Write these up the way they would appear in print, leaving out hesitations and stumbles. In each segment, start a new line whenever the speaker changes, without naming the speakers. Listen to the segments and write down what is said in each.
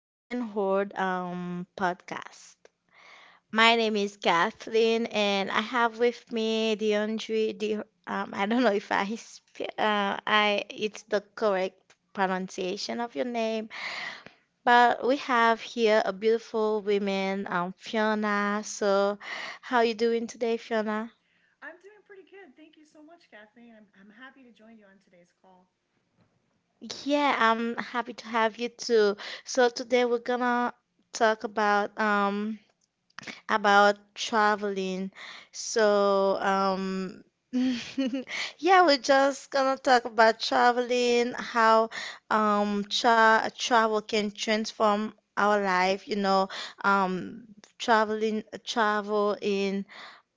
Open Horde podcast. My name is Kathleen, and I have with me Deandre. I don't know if I it's the correct pronunciation of your name, but we have here a beautiful woman, Fiona. So, how you doing today, Fiona?
I'm doing pretty good. Thank you so much, Kathleen. I'm happy to join you on today's call.
Yeah, I'm happy to have you too. So today we're gonna talk about traveling. So, yeah, we're just gonna talk about traveling, how travel can transform our life, you know, um travel in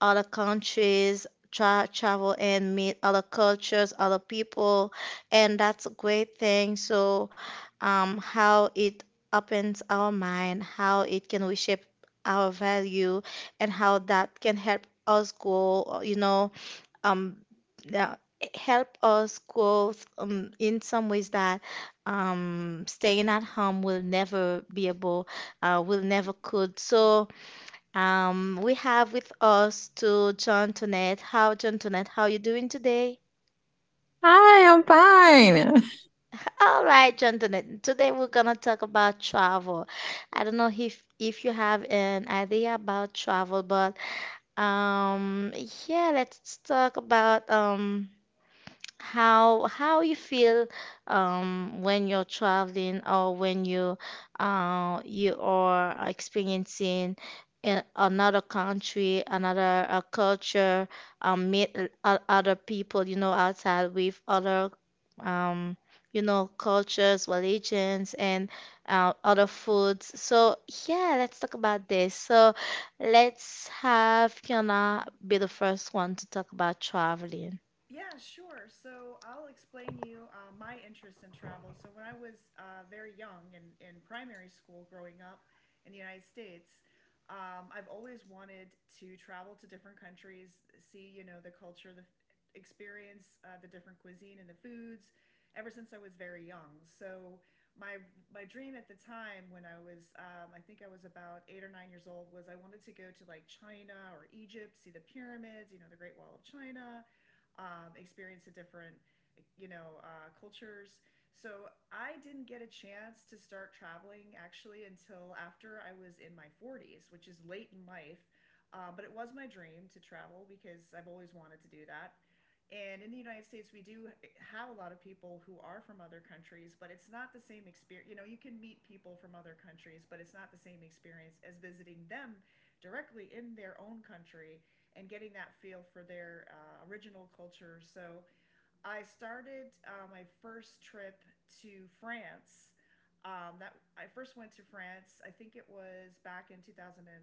other countries, travel and meet other cultures, other people, and that's a great thing. So, how it opens our mind, how it can reshape our value, and how that can help us grow, you know, um, yeah, help us grow in some ways that staying at home will never be able, will never could. So, we have with us to John Tonette. John Tonette, how you doing today?
Hi, I'm fine.
All right, John Tonette. Today we're gonna talk about travel. I don't know if you have an idea about travel, but um, yeah, let's talk about how you feel when you're traveling or when you you are experiencing in another country, another culture, meet other people, you know, outside with other um, cultures, religions, and other foods. So yeah, let's talk about this. So let's have Kiana be the first one to talk about traveling.
Yeah, sure. So I'll explain you my interest in travel. So when I was very young and in primary school growing up in the United States, I've always wanted to travel to different countries, see, you know, the culture, the experience, the different cuisine and the foods ever since I was very young. So my my dream at the time when I was I think I was about 8 or 9 years old was I wanted to go to like China or Egypt, see the pyramids, you know, the Great Wall of China, experience the different, you know, cultures. So I didn't get a chance to start traveling actually until after I was in my 40s, which is late in life. But it was my dream to travel because I've always wanted to do that. And in the United States, we do have a lot of people who are from other countries, but it's not the same experience. You know, you can meet people from other countries, but it's not the same experience as visiting them directly in their own country and getting that feel for their original culture. So I started my first trip to France. That I first went to France. I think it was back in 2016 or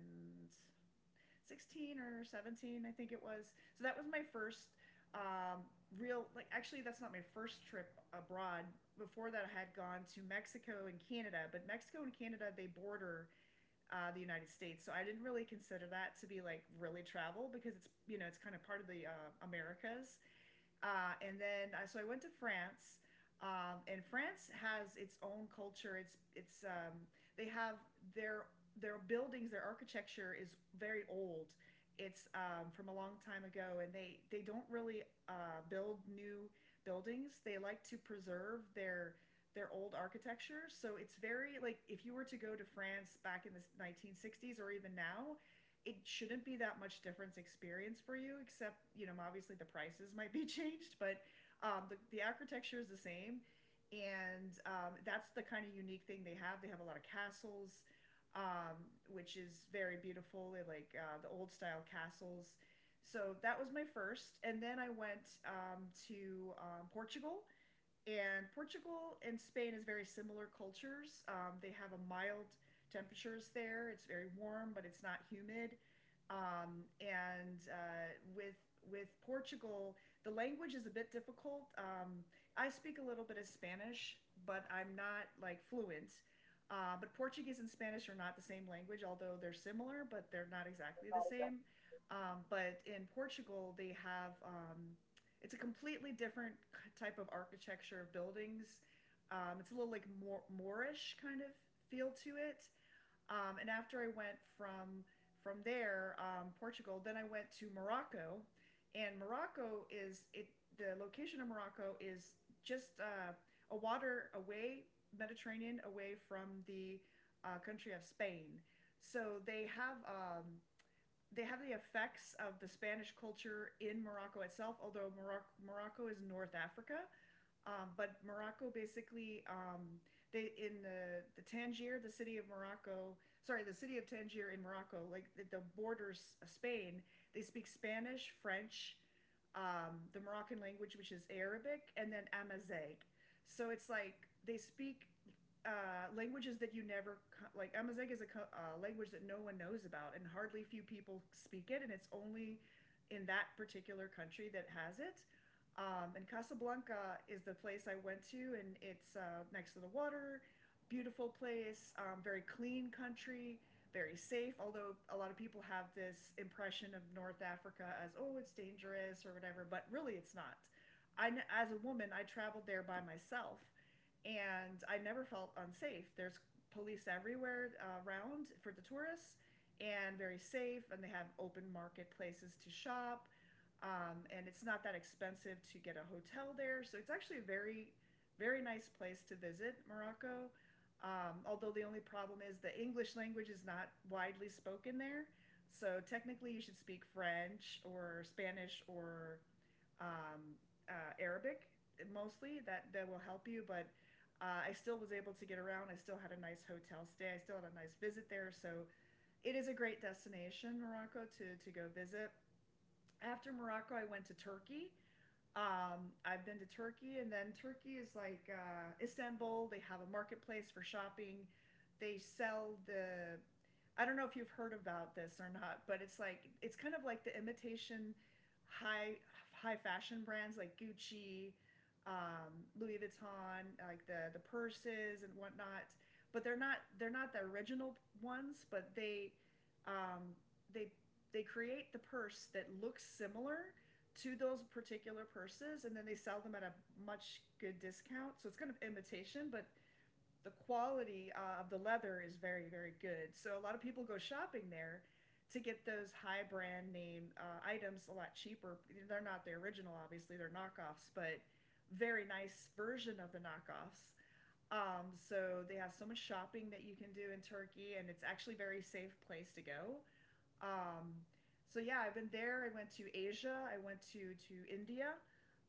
17. I think it was. So that was my first, um, real, like, actually that's not my first trip abroad. Before that I had gone to Mexico and Canada, but Mexico and Canada, they border the United States. So I didn't really consider that to be like really travel because it's, you know, it's kind of part of the Americas. So I went to France. And France has its own culture. It's they have their their buildings, their architecture is very old. It's, from a long time ago, and they don't really build new buildings. They like to preserve their old architecture. So it's very like if you were to go to France back in the 1960s or even now, it shouldn't be that much difference experience for you, except, you know, obviously the prices might be changed, but the architecture is the same. And that's the kind of unique thing they have. They have a lot of castles, um, which is very beautiful. They like the old style castles. So that was my first. And then I went to Portugal. And Portugal and Spain is very similar cultures. They have a mild temperatures there. It's very warm, but it's not humid. And With Portugal, the language is a bit difficult. I speak a little bit of Spanish, but I'm not like fluent. But Portuguese and Spanish are not the same language, although they're similar, but they're not exactly the same. But in Portugal, they have, it's a completely different type of architecture of buildings. It's a little like Moorish kind of feel to it. And after I went from there, Portugal, then I went to Morocco, and Morocco is it the location of Morocco is just a water away, Mediterranean away, from the country of Spain. So they have, they have the effects of the Spanish culture in Morocco itself, although Morocco is North Africa. But Morocco basically, they in the Tangier, the city of Morocco, sorry, the city of Tangier in Morocco, like the borders of Spain, they speak Spanish, French, the Moroccan language, which is Arabic, and then Amazigh. So it's like they speak languages that you never like. Amazigh is a language that no one knows about, and hardly few people speak it, and it's only in that particular country that has it. And Casablanca is the place I went to, and it's next to the water, beautiful place, very clean country, very safe. Although a lot of people have this impression of North Africa as, oh, it's dangerous or whatever, but really it's not. I, as a woman, I traveled there by myself, and I never felt unsafe. There's police everywhere around for the tourists, and very safe. And they have open marketplaces to shop. And it's not that expensive to get a hotel there. So it's actually a very, very nice place to visit, Morocco. Although the only problem is the English language is not widely spoken there. So technically, you should speak French or Spanish or um, Arabic mostly. That will help you. But I still was able to get around. I still had a nice hotel stay. I still had a nice visit there. So it is a great destination, Morocco, to go visit. After Morocco, I went to Turkey. I've been to Turkey, and then Turkey is like, Istanbul. They have a marketplace for shopping. They sell the. I don't know if you've heard about this or not, but it's like, it's kind of like the imitation high high fashion brands like Gucci, Louis Vuitton, like the purses and whatnot. But they're not the original ones, but um, they they create the purse that looks similar to those particular purses, and then they sell them at a much good discount. So it's kind of imitation, but the quality of the leather is very, very good. So a lot of people go shopping there to get those high brand name items a lot cheaper. They're not the original, obviously, they're knockoffs, but very nice version of the knockoffs. So, they have so much shopping that you can do in Turkey, and it's actually a very safe place to go. Um, so yeah, I've been there. I went to Asia. I went to India,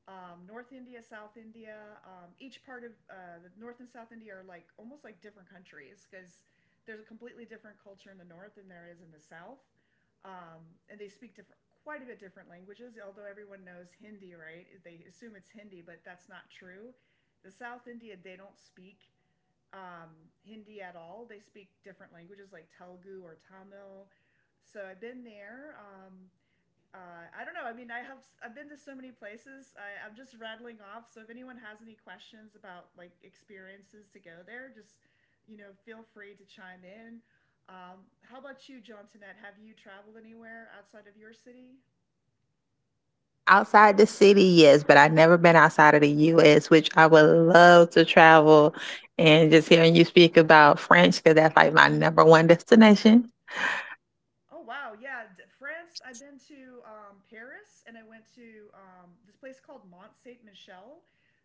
North India, South India. Each part of the North and South India are like almost like different countries because there's a completely different culture in the North than there is in the South, um, and they speak different, quite a bit different languages. Although everyone knows Hindi, right? They assume it's Hindi, but that's not true. The South India, they don't speak Hindi at all. They speak different languages like Telugu or Tamil. So I've been there. I don't know. I mean, I've been to so many places. I'm just rattling off. So if anyone has any questions about like experiences to go there, just, you know, feel free to chime in. How about you, John Tonette? Have you traveled anywhere outside of your city?
Outside the city, yes, but I've never been outside of the US, which I would love to travel. And just hearing you speak about French, because that's like my number one destination.
Oh wow, yeah, France. I've been to Paris, and I went to this place called Mont Saint Michel.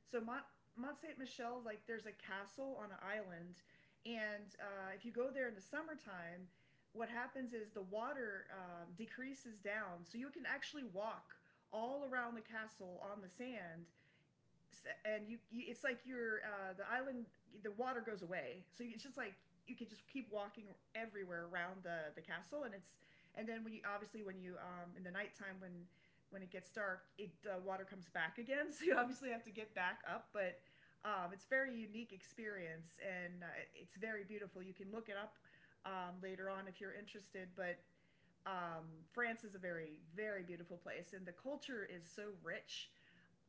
So Mont Saint Michel, like there's a castle on an island, and if you go there in the summertime, what happens is the water decreases down, so you can actually walk all around the castle on the sand. And you, it's like you're the island, the water goes away, so it's just like you can just keep walking everywhere around the castle. And it's, and then when you, obviously when you in the nighttime, when it gets dark, it, water comes back again so you obviously have to get back up. But it's a very unique experience, and it's very beautiful. You can look it up later on if you're interested. But um, France is a very, very beautiful place, and the culture is so rich.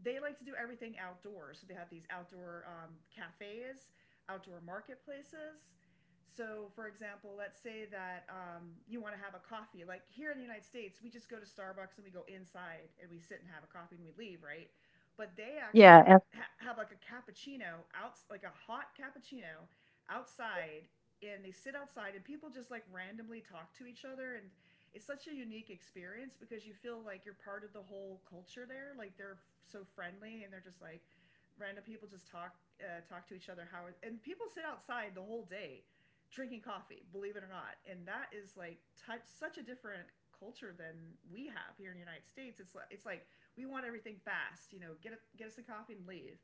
They like to do everything outdoors. So they have these outdoor cafes, outdoor marketplaces. So, for example, let's say that you want to have a coffee. Like here in the United States, we just go to Starbucks and we go inside and we sit and have a coffee and we leave, right? But they
Yeah.
actually have like a cappuccino out, like a hot cappuccino outside, and they sit outside and people just like randomly talk to each other. And it's such a unique experience because you feel like you're part of the whole culture there. Like they're so friendly, and they're just like random people just talk, talk to each other. How and people sit outside the whole day drinking coffee, believe it or not, and that is like touch such a different culture than we have here in the United States. It's like, we want everything fast, you know, get a, get us a coffee and leave.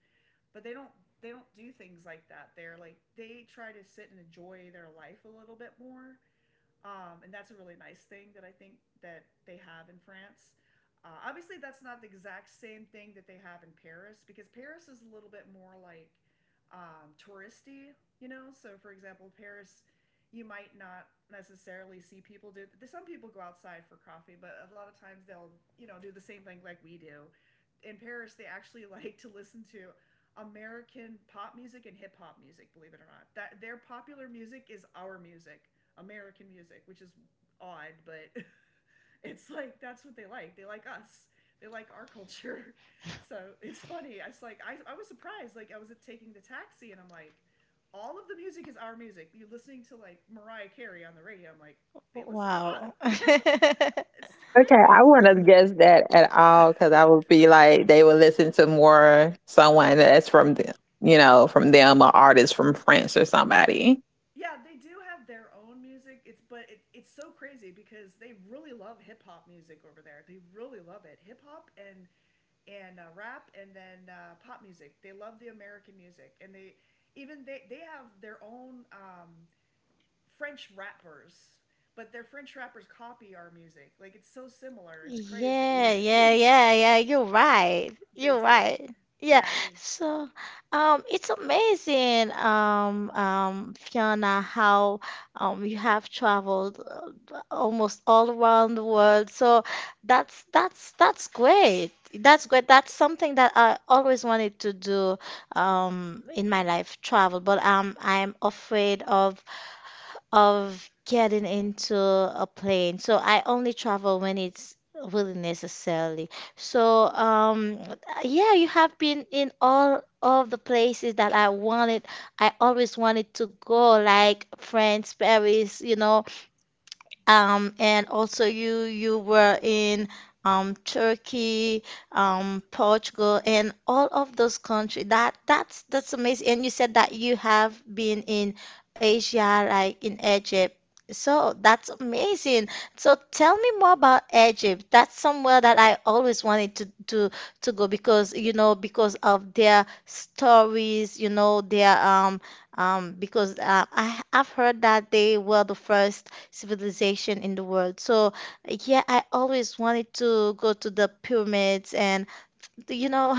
But they don't do things like that. They're like they try to sit and enjoy their life a little bit more and that's a really nice thing that I think that they have in France. Obviously, that's not the exact same thing that they have in Paris because Paris is a little bit more like touristy, you know. So, for example, Paris, you might not necessarily see people do. Some people go outside for coffee, but a lot of times they'll, do the same thing like we do. In Paris, they actually like to listen to American pop music and hip hop music. Believe it or not, that their popular music is our music. American music, which is odd, but it's like that's what they like. They like us. They like our culture. So it's funny. I was like, I was surprised. Like I was taking the taxi and I'm like, all of the music is our music. You're listening to like Mariah Carey on the radio. I'm like, they listen to us.
Wow.
Yeah, it's
Okay.
crazy.
I
It's
wouldn't have guessed that at all because I would be like, they would listen to more someone that's from, from them or artists from France or somebody.
yeah, they do have their own music. It's but it's so crazy because they really love hip hop music over there. They really love it. Hip hop and and rap and then pop music. They love the American music, and they even they have their own French rappers, but their French rappers copy our music. Like it's so similar, it's crazy.
Yeah, yeah, yeah, yeah. You're right.
they
You're
do,
right. Yeah.
yeah. They
So, it's amazing, Fiona, how you have traveled almost all around the world. So that's great. That's great. That's something that I always wanted to do, in my life, travel. But I'm afraid of getting into a plane. So I only travel when it's really necessary. So yeah, you have been in all of the places that I wanted. I always wanted to go, like France, Paris, you know, and also you were in Turkey, Portugal, and all of those countries. That's amazing. And you said that you have been in Asia, like in Egypt. So that's amazing. So tell me more about Egypt. That's somewhere that I always wanted to go, because you know, because of their stories, you know, their because I I've heard that they were the first civilization in the world. So, yeah, I always wanted to go to the pyramids and, you know,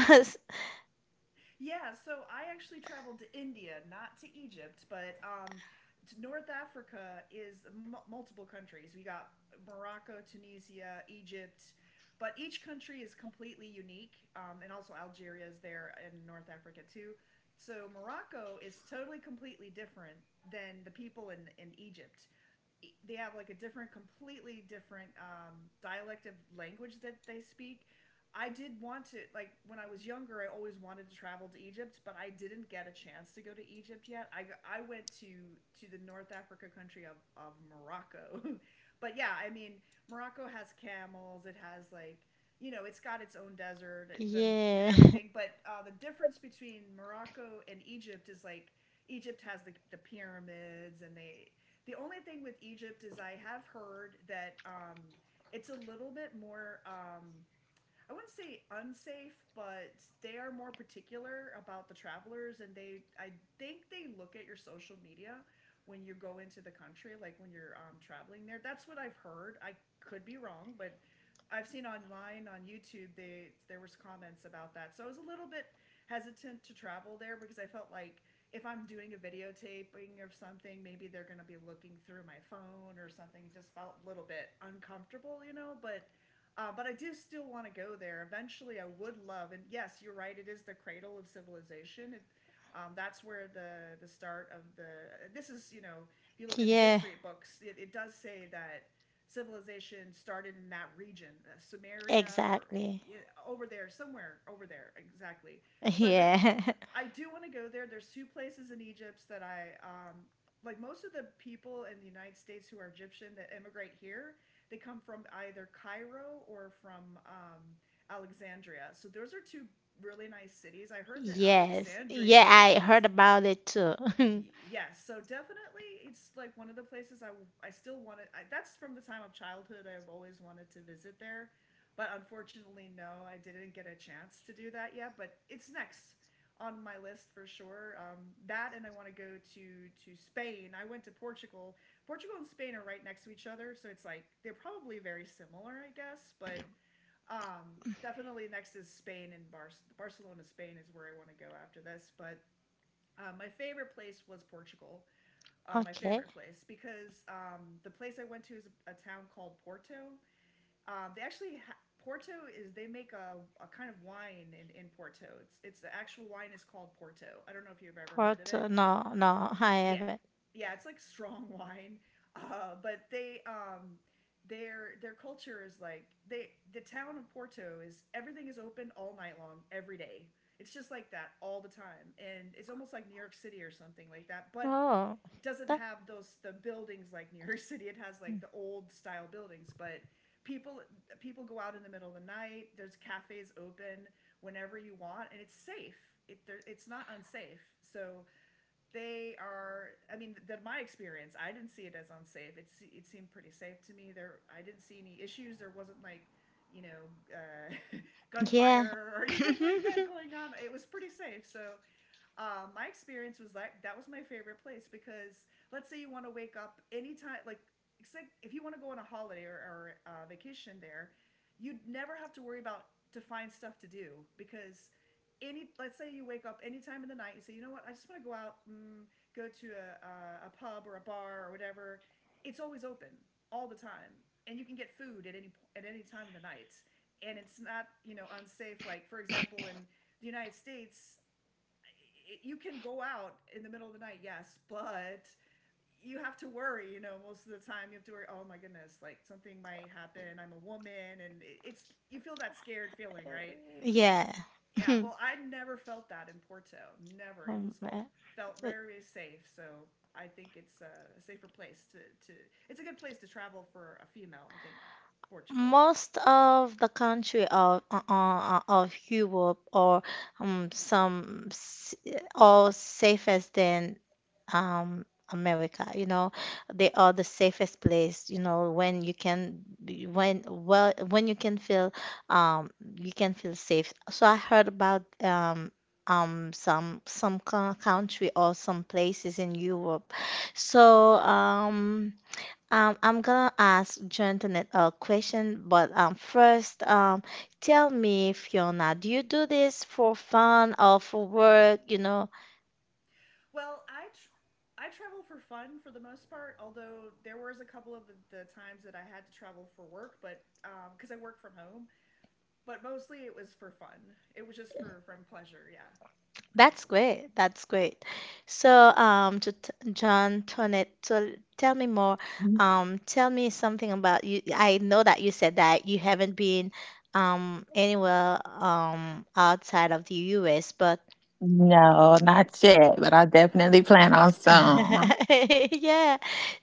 Yeah, so I actually traveled to India, not to Egypt, but North Africa is multiple countries. We got Morocco, Tunisia, Egypt, but each country is completely unique. And also Algeria is there in North Africa too. So Morocco is totally completely different than the people in Egypt. They have like completely different dialect of language that they speak. I did want to like when I was younger, I always wanted to travel to Egypt, but I didn't get a chance to go to Egypt yet. I went to the North Africa country of Morocco, but yeah, I mean Morocco has camels. It has like you know it's got its own desert the, And
yeah,
everything. But the difference between Morocco and Egypt is like Egypt has the pyramids and the only thing with Egypt is I have heard that it's a little bit more I wouldn't say unsafe, but they are more particular about the travelers, and they I think they look at your social media when you go into the country, like when you're traveling there. That's what I've heard. I could be wrong, but I've seen online on YouTube they there was comments about that. So I was a little bit hesitant to travel there because I felt like if I'm doing a videotaping of something, maybe they're going to be looking through my phone or something. Just felt a little bit uncomfortable, you know, but but I do still want to go there. Eventually, I would love, and yes, you're right. It is the cradle of civilization. That's where the start of the. This is you know, if you look in the
yeah,
history books, it does say that civilization started in that region, Sumeria or
exactly.
yeah, over there somewhere over there exactly. So I but
Yeah,
I do want to go there. There's two places in Egypt that I like. Most of the people in the United States who are Egyptian that immigrate here they come from either Cairo or from Alexandria. So those are two really nice cities. I heard that
yes.
Alexandria is
Yeah,
a very
I
is
heard about it too.
yeah so definitely it's like one of the places I still wanted that's from the time of childhood I've always wanted to visit there but unfortunately no I didn't get a chance to do that yet but it's next on my list for sure. That and I want to go to spain. I went to portugal. Portugal and spain are right next to each other so it's like they're probably very similar I guess but. Definitely next is spain and barcelona spain is where I want to go after this but my favorite place was Portugal. My
Okay.
favorite place because the place I went to is a, town called Porto. They actually Porto is they make a kind of wine in Porto. It's the actual wine is called Porto. I don't know if you've ever heard of
Porto,
it.
no, no, I
Yeah,
haven't.
yeah, it's like strong wine. But they their culture is like the town of porto is everything is open all night long every day. It's just like that all the time and it's almost like new york city or something like that but
Oh,
doesn't
that,
have those the buildings like new york city. It has like the old style buildings but people people go out in the middle of the night. There's cafes open whenever you want and it's safe. It's not unsafe so they are. I mean my experience I didn't see it as unsafe. It seemed pretty safe to me there. I didn't see any issues. There wasn't like you know uh,
yeah.
gunfire or anything like that going on. It was pretty safe so. My experience was like that was my favorite place because let's say you want to wake up anytime, like it's like if you want to go on a holiday or vacation there, you'd never have to worry about to find stuff to do because any let's say you wake up any time in the night. You say you know what, I just want to go out mm, go to a pub or a bar or whatever. It's always open all the time and you can get food at any time of the night. And it's not you know unsafe, like for example in the united states you can go out in the middle of the night, yes, but you have to worry, you know, most of the time you have to worry, oh my goodness, like something might happen. I'm a woman and it's you feel that scared feeling, right?
Yeah.
Yeah, well, I never felt that in Porto. Never. It
Um,
was
uh,
felt very, very safe, so I think it's a safer place to it's a good place to travel for a female, I think Portugal.
most of the country of Europe or um, some s- or safest than um, America. You know, they are the safest place. You know, when you can when um, you can feel safe. So I heard about some country or some places in Europe. So I'm gonna ask Jonathan a question, but first, tell me, Fiona, do you do this for fun or for work? You know,
Well, I travel for fun for the most part, although there was a couple of the times that I had to travel for work, but because I work from home, but mostly it was for fun. It was just for from pleasure. Yeah. Yes.
that's great. That's great. So, to t John Tonet, to tell me more. Tell me something about you. I know that you said that you haven't been anywhere outside of the U.S., but
No, not yet, but I definitely plan on soon.
yeah.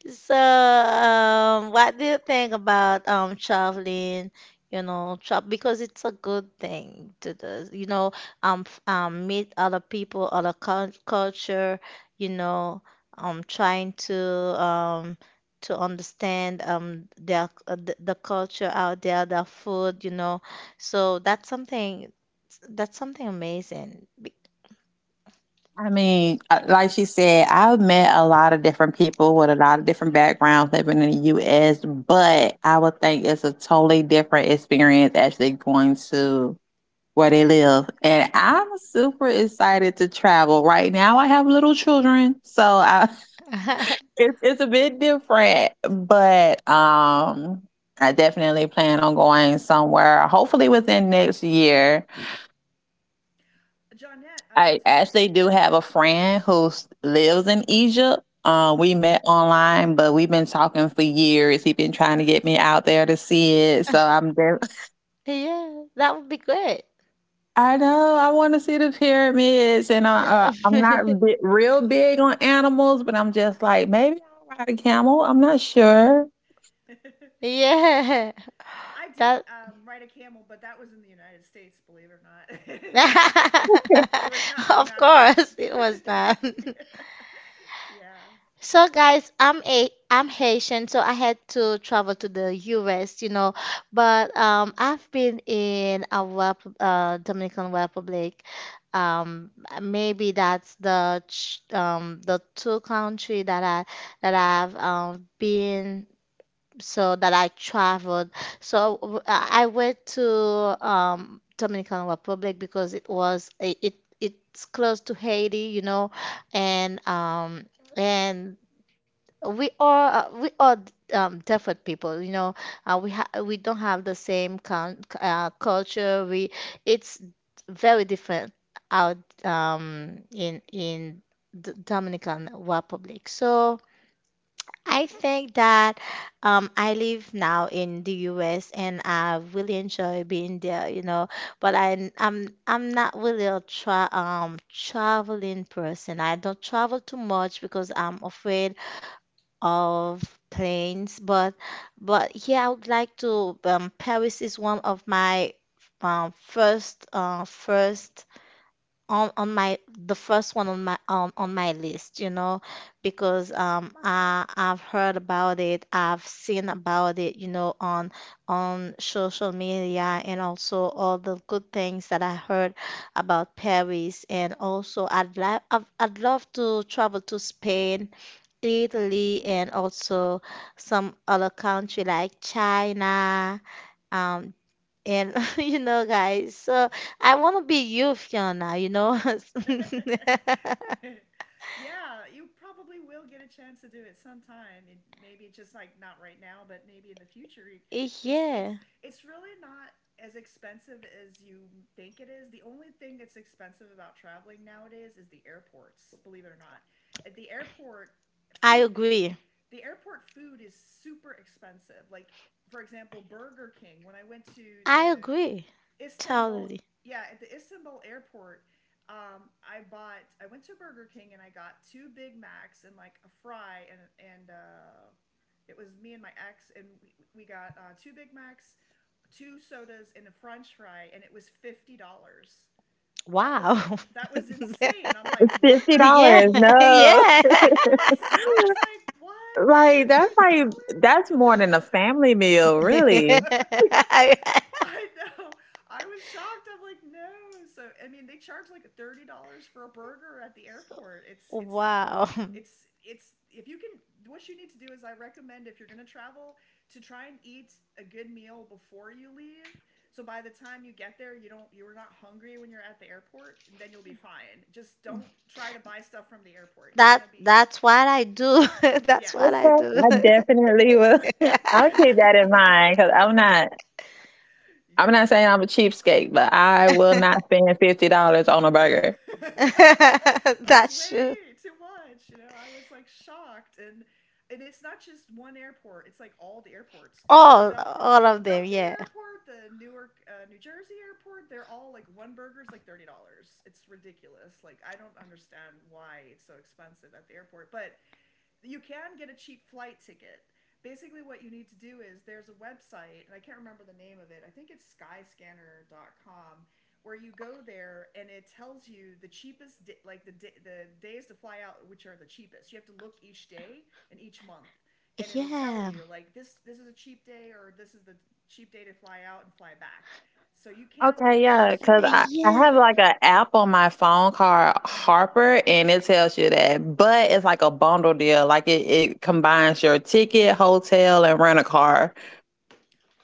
So, what do you think about traveling? You know, travel, because it's a good thing to the, you know, meet other people, other culture. You know, trying um to understand their the culture out there, their food. You know, so that's something amazing. Be-
I mean, like she said, I've met a lot of different people with a lot of different backgrounds living in the U.S., but I would think it's a totally different experience actually going to where they live. And I'm super excited to travel. Right now, I have little children.
Mm-hmm.
It's a bit different. But I definitely plan on going somewhere, hopefully within next year.
Johnette,
I
Johnsonette.
actually do have a friend who lives in Egypt. We
Oh.
met online, but we've been talking for years. He's been trying to get me out there to see it, so I'm there.
Yeah, that would be great.
I know I want to see the pyramids, and I'm not real big on animals, but I'm just like maybe I'll ride a camel. I'm not sure.
Yeah,
I did
that
ride a camel, but that was in the United States, believe it or not. I did. it was not
of
not in
course it was
Egypt.
not.
yeah.
So guys, I'm Haitian, so I had to travel to the US, you know, but I've been in a rep Dominican Republic. Um maybe that's the the two country that I've been, so that I traveled. So I went to Dominican Republic because it it's close to Haiti, you know, and and we are different people, you know. We ha we don't have the same con culture. We it's very different out in the Dominican Republic. So. I think that I live now in the US and I really enjoy being there, you know. But I'm not really a traveling person. I don't travel too much because I'm afraid of planes. But yeah, I would like to. Paris is one of my first on my the first one on my list, you know, because I've heard about it, I've seen about it, you know, on social media, and also all the good things that I heard about Paris. And also I'd love to travel to Spain, Italy, and also some other country like China, um and you know, guys, so I want to be you, Fiona, you know?
yeah, you probably will get a chance to do it sometime. And maybe just like not right now, but maybe in the future. You- It's it's
Yeah,
it's really not as expensive as you think it is. The only thing that's expensive about traveling nowadays is the airports. Believe it or not, at the airport
I
food
agree.
the airport food is super expensive. Like for example, Burger King. When I went to
I
the
agree.
Istanbul,
Totally.
yeah, at the Istanbul airport, I bought. I went to Burger King and I got two Big Macs and like a fry and it was me and my ex and we got two Big Macs, two sodas and a French fry and it was $50. That was
Wow.
that was insane. I'm like,
It's
what am
fifty
I
Yeah,
dollars.
buying?
No.
yeah.
Yes, I was like, what fifty
Like that's more than a family meal,
dollars?
really.
I know. I was shocked. I'm like, no. So I mean, they charge like $30 for a burger at the airport.
Wow.
It's if you can, what you need to do is I recommend if you're gonna travel to try and eat a good meal before you leave. So by the time you get there, you're not hungry when you're at the airport. And then you'll be fine. Just don't try to buy stuff from the airport. You're
That
gonna be
that's what I do. That's what I
yes,
Okay,
do.
I definitely will. I'll keep that in mind because I'm not. I'm not saying
yes.
I'm a cheapskate, but I will not spend $50 on a burger.
That's
That's true.
way too much. You know, I was like shocked and it's not just one airport. It's like all the airports
All of them,
Philadelphia
yeah.
airport, the newark new jersey airport, they're all like one burger's like $30. It's ridiculous. Like I don't understand why it's so expensive at the airport but you can get a cheap flight ticket. Basically, what you need to do is there's a website, and I can't remember the name of it. I think it's Skyscanner.com, where you go there and it tells you the cheapest, the days to fly out, which are the cheapest. You have to look each day and each month, and it'll tell
Yeah.
you like this is a cheap day or this is the cheap day to fly out and fly back. So you can
Okay,
do
yeah,
it.
because I
Yeah.
have like an app on my phone called Harper, and it tells you that. But it's like a bundle deal. Like it combines your ticket, hotel, and rent a car.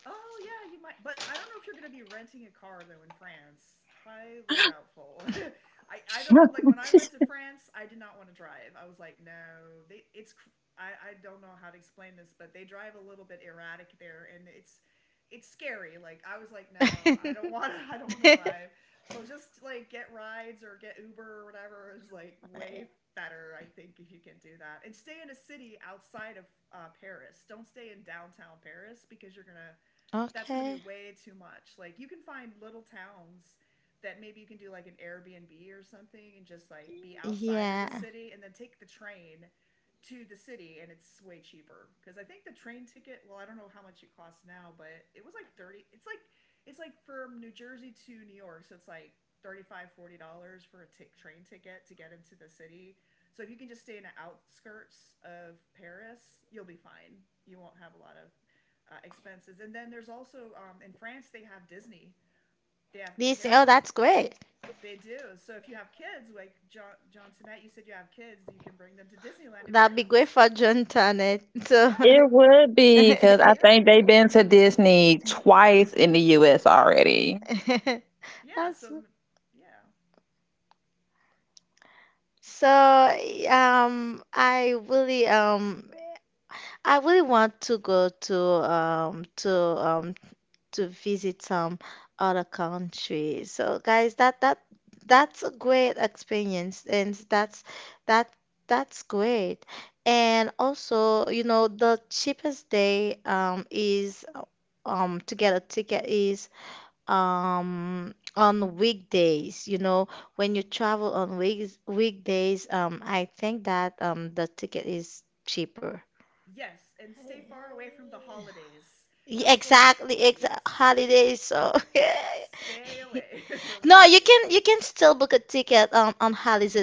Oh yeah, you might, but I don't know if you're going to be renting a car though in France. Highly doubtful. I don't like, when I went to France, I did not want to drive. I was like, no, they it's I don't know how to explain this, but they drive a little bit erratic there, and it's scary. Like I was like, no, I don't want to. I don't want to drive. So just like get rides or get Uber or whatever is like way better. I think if you can do that and stay in a city outside of Paris. Don't stay in downtown Paris because you're gonna that's going to be
Okay.
way too much. Like you can find little towns that maybe you can do like an Airbnb or something and just like be outside of the
Yeah.
city and then take the train to the city and it's way cheaper because I think the train ticket, well I don't know how much it costs now, but it was like 30, it's like from New Jersey to New York, so it's like 35, $40 for a train ticket to get into the city. So if you can just stay in the outskirts of Paris, you'll be fine. You won't have a lot of expenses. And then there's also, in France they have Disney. They have
This, oh,
parent.
that's great.
They do. So if you have kids, like John John Sinet, you said you have kids, you can bring them to Disneyland in
That'll be great
France.
for John Tannett. So
It
Yeah,
would be because I
yeah,
think they've been to Disney twice in the U.S. already.
yeah. So
that's
yeah,
so um I really um I really want to go to to visit some other country. So guys, that's a great experience, and that that's great. And also, you know, the cheapest day is to get a ticket is on weekdays, you know, when you travel on weeks weekdays, I think that the ticket is cheaper.
yes, and stay far away from the holidays.
Yeah,
Don't go.
exactly, exact
Yes,
holidays. So yeah.
stay away from
No,
holidays.
you can still book a ticket on holidays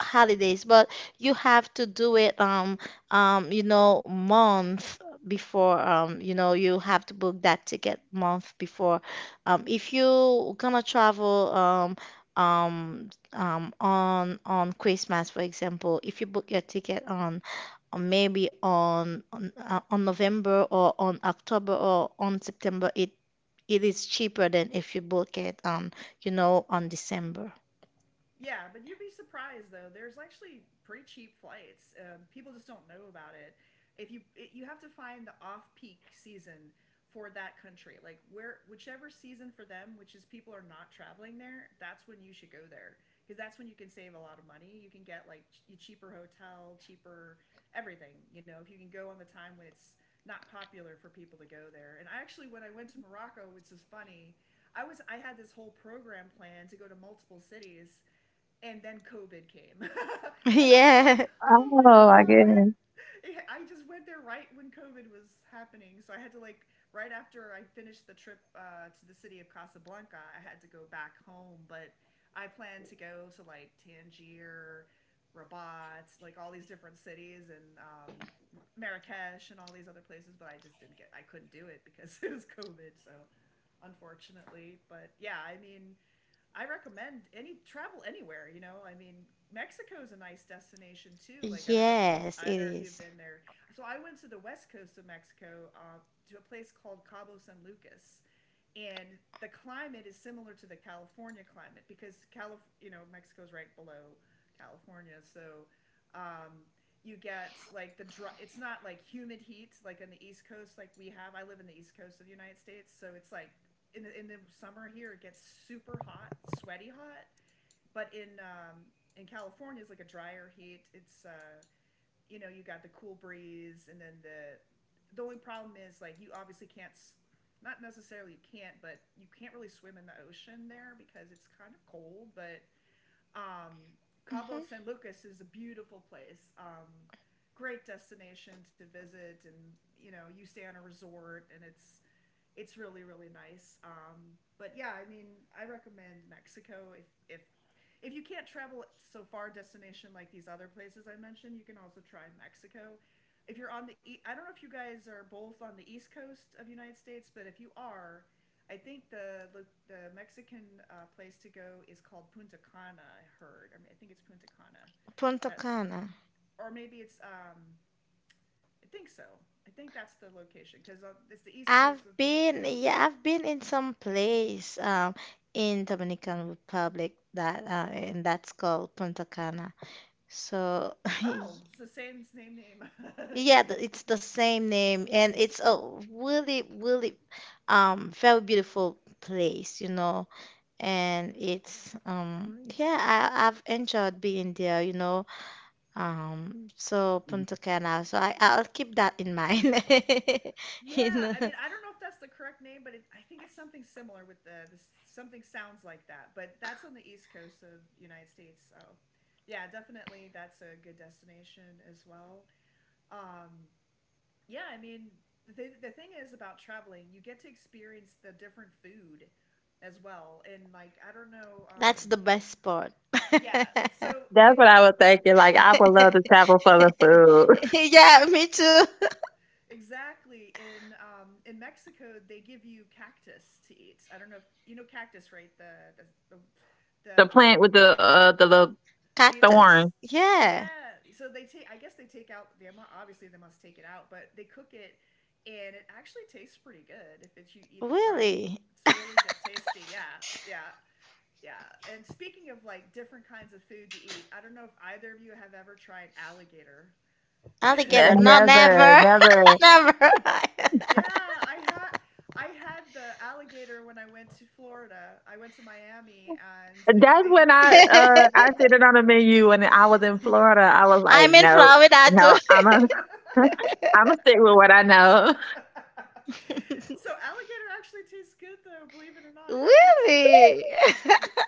holidays, but you have to do it you know month before, you know you have to book that ticket month before. Um, if you gonna travel on Christmas, for example, if you book your ticket on or maybe on on November or on October or on September, it is cheaper than if you book it on, you know, on December.
Yeah, but you'd be surprised though. There's actually pretty cheap flights. People just don't know about it. If you It, you have to find the off peak season for that country, like where whichever season for them, which is people are not traveling there. That's when you should go there because that's when you can save a lot of money. You can get like a cheaper hotel, cheaper everything. You know, if you can go on the time when it's not popular for people to go there. And I actually, when I went to Morocco, which is funny, I had this whole program planned to go to multiple cities, and then COVID came, and I was like,
Yeah.
oh my
Oh, I
god, I had.
guess.
I just went there right when COVID was happening, so I had to, like, right after I finished the trip to the city of Casablanca, I had to go back home. But I planned to go to like Tangier, Rabat, like all these different cities, and, Marrakesh, and all these other places. But I just didn't get, I couldn't do it because it was COVID. So unfortunately, but yeah, I mean, I recommend any travel anywhere, you know. I mean, Mexico's a nice destination too. Like, I don't know if
Yes, it
either of you have
is.
been there. So I went to the west coast of Mexico, to a place called Cabo San Lucas, and the climate is similar to the California climate because, you know, Mexico's right below California, so, um, you get like the dry. It's not like humid heat like on the East Coast like we have. I live in the East Coast of the United States, so it's like in the summer here it gets super hot, sweaty hot, but in California it's like a drier heat. It's, you know, you got the cool breeze, and then the only problem is like you obviously can't, not necessarily you can't, but you can't really swim in the ocean there because it's kind of cold. But, um, Cabo
Mhm.
San Lucas is a beautiful place. Great destination to visit, and you know you stay on a resort and it's really really nice. But yeah, I mean, I recommend Mexico if you can't travel so far destination like these other places I mentioned. You can also try Mexico. If you're on the e- I don't know if you guys are both on the east coast of the United States, but if you are, I think the Mexican place to go is called Punta Cana. I heard. I mean, I think it's Punta Cana.
Punta
That's
Cana.
or maybe it's, um, I think so. I think that's the location because it's the east
I've
coast of
been,
Mexico.
yeah, I've been in some place in Dominican Republic that and that's called Punta Cana. So
Oh, it's the same same name.
yeah, it's the same name, and it's a really, really very beautiful place, you know. And it's yeah, I've enjoyed being there, you know, so Punta Cana, so I'll keep that in mind. You
Yeah, I
know,
mean, I don't know if that's the correct name, but it, I think it's something similar with the something sounds like that. But that's on the east coast of the United States, so yeah, definitely that's a good destination as well. Um, yeah, I mean, the thing is about traveling, you get to experience the different food as well, and, like, I don't know,
that's the best spot.
yeah. So
That's
in,
what I
for
was thinking. Like I would love to travel for the food.
Yeah, me too.
Exactly. In Mexico, they give you cactus to eat. I don't know if you know cactus, right? The the the, the
The plant
um,
with the little
Cactus,
needles.
thorn.
yeah.
Yeah. So they take. I guess they take out. They obviously they must take it out, but they cook it, and it actually tastes pretty good. If it's you eat the fried,
Really?
it's really tasty. Yeah. Yeah. Yeah. And speaking of like different kinds of food to eat, I don't know if either of you have ever tried alligator.
Alligator, no,
Never,
never.
never.
Never.
Yeah, I had the alligator when I went to Florida. I went to Miami and they
That's
they
when I uh I seen it on the menu and I was in Florida. I was like,
I'm in
no,
Florida too.
no, I'm a am a stick with what I know.
So alligator actually tastes good though, believe it or not. It actually tastes,
Really?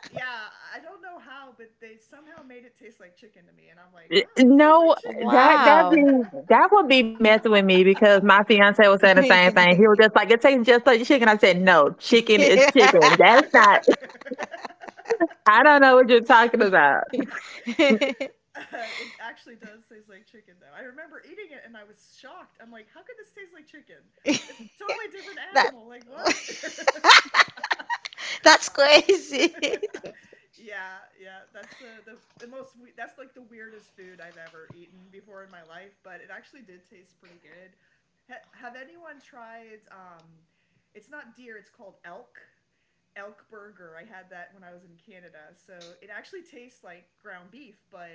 yeah, I don't know how, but they somehow made it taste like chicken to me, and I'm like,
Eh,
"Wow, this tastes
no,
like
Wow.
chicken."
that would be messing with me because my fiance was saying the same thing. He was just like, "It tastes just like chicken." I said, "No, chicken is chicken. That's not I don't know what you're talking about."
It actually does taste like chicken, though. I remember eating it and I was shocked. I'm like, how could this taste like chicken? It's a totally different
That
animal. Like, what?
that's
Wow.
crazy.
Yeah, yeah. That's, the most. That's like the weirdest food I've ever eaten before in my life. But it actually did taste pretty good. Have anyone tried? It's not deer. It's called elk, burger. I had that when I was in Canada. So it actually tastes like ground beef, but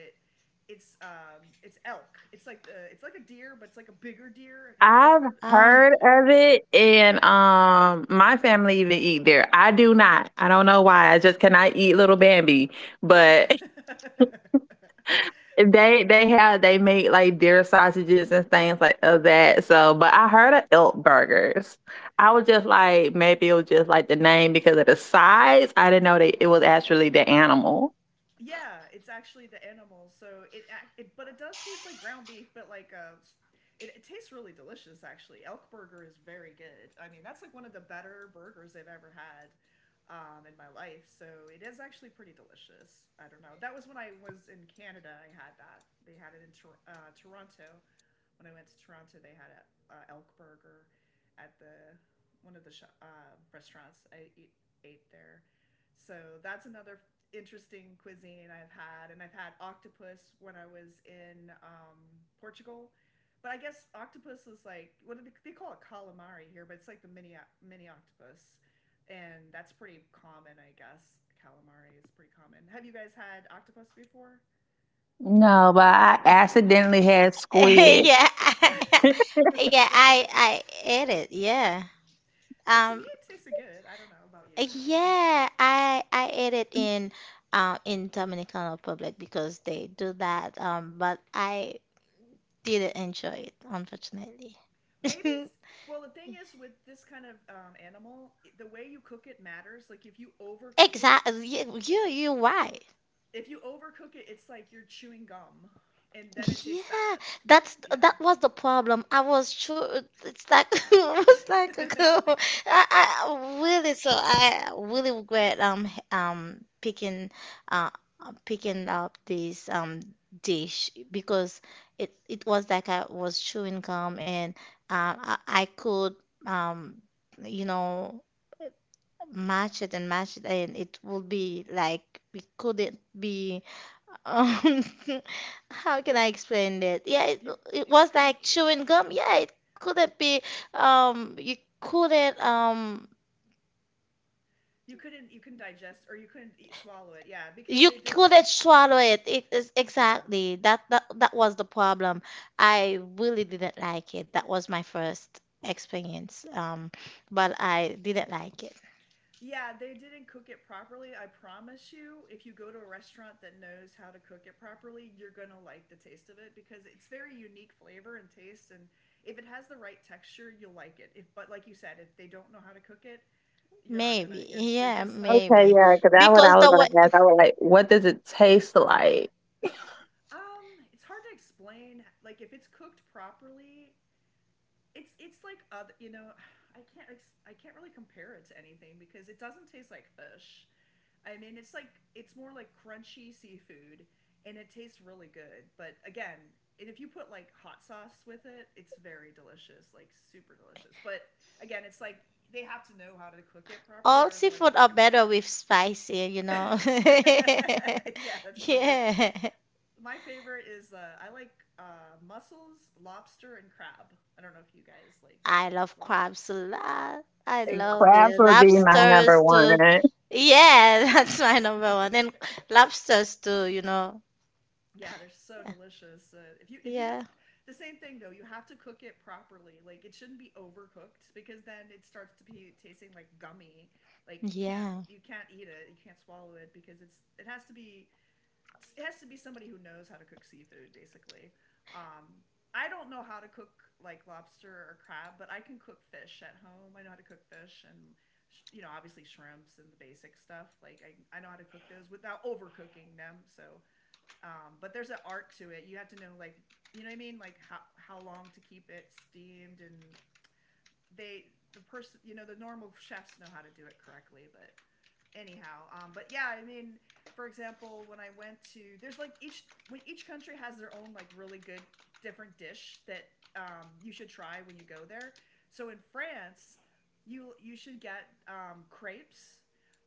it's elk. It's like a deer, but it's like a bigger deer. Have you guys
I've
heard
Ah,
heard of
elk?
it, and
Yeah.
my family even eat there. I do not. I don't know why. I just cannot eat little Bambi, but They
It-
they have they make like deer sausages and things like of that. So, but I heard of elk burgers. I was just like, maybe it was just like the name because of the size. I didn't know that it was actually the animal.
Yeah, it's actually the animals. So it, act, it but it does taste like ground beef, but like, it tastes really delicious. Actually, elk burger is very good. I mean, that's like one of the better burgers I've ever had, in my life. So it is actually pretty delicious. I don't know. That was when I was in Canada. I had that. They had it in Toronto. When I went to Toronto, they had a, elk burger at the one of the restaurants I ate there. So that's another interesting cuisine I've had, and I've had octopus when I was in, Portugal. But I guess octopus is like, what do they call it, calamari here, but it's like the mini mini octopus, and that's pretty common, I guess. Calamari is pretty common. Have you guys had octopus before?
No, but I accidentally had squid.
yeah, I, yeah, I ate it. Yeah.
To me,
Um,
it tasted good. I don't know about you.
yeah, I ate it in Dominican Republic, because they do that. Um, but I didn't enjoy it, unfortunately.
Maybe it's Well, the thing is with this kind of, animal, the way you cook it matters. Like
Exactly. You, why?
if you overcook it, it's like you're chewing gum, and then it tastes
Yeah,
bad.
that's
Yeah,
that was the problem. I was sure it's like, it was like a girl. I, I really, so I really regret picking uh picking up this dish, because it was like I was chewing gum, and I could um you know, match it and match it, and it would be like it couldn't be um, how can I explain that? Yeah, it,
you,
it
you
was
couldn't
like
eat it.
chewing gum. Yeah, it couldn't be. You couldn't.
You couldn't. You couldn't digest or you couldn't swallow it. Yeah, because
You
they didn't.
couldn't swallow it. It is
Yeah.
exactly that. That that was the problem. I really didn't like it. That was my first experience. But I didn't like it.
Yeah, they didn't cook it properly. I promise you, if you go to a restaurant that knows how to cook it properly, you're going to like the taste of it because it's very unique flavor and taste, and if it has the right texture, you'll like it. If But like you said, if they don't know how to cook it, you're not going to
Maybe.
you're you're
Yeah,
just not going to
Okay,
maybe.
like
yeah,
it.
because that's what I
Because
was
the
gonna
way
ask. I was like, what does it taste like?
It's hard to explain. Like if it's cooked properly, it's like other, you know, I can't I can't really compare it to anything because it doesn't taste like fish. I mean, it's more like crunchy seafood, and it tastes really good. But again, and if you put like hot sauce with it, it's very delicious, like super delicious. But again, it's like they have to know how to cook it properly,
all
or otherwise you're
seafood are
not gonna like
better
it.
with spicy, you know.
Yeah, that's true.
Yeah.
My favorite is I like mussels, lobster, and crab. I don't know if you guys like
I
that as
love
well.
crabs a lot. I
And
So
love
crabs
it.
would be
delicious.
my number
Lobsters
one.
too. Yeah, that's my number one. And lobsters too, you know.
Yeah, they're so delicious. If you know,
Yeah.
the same thing though, you have to cook it properly. Like it shouldn't be overcooked because then it starts to be tasting like gummy. Like you can't
Yeah.
you can't eat it, you can't swallow it because it has to be it has to be somebody who knows how to cook seafood basically. Um, I don't know how to cook like lobster or crab, but I can cook fish at home. I know how to cook fish and you know obviously shrimps and the basic stuff. Like I know how to cook those without overcooking them. So but there's an art to it. You have to know like like how long to keep it steamed and they the person you know the normal chefs know how to do it correctly, but anyhow. But yeah, I mean, for example, when I went to there's like each when each country has their own like really good different dish that you should try when you go there. So in France, you should get crepes.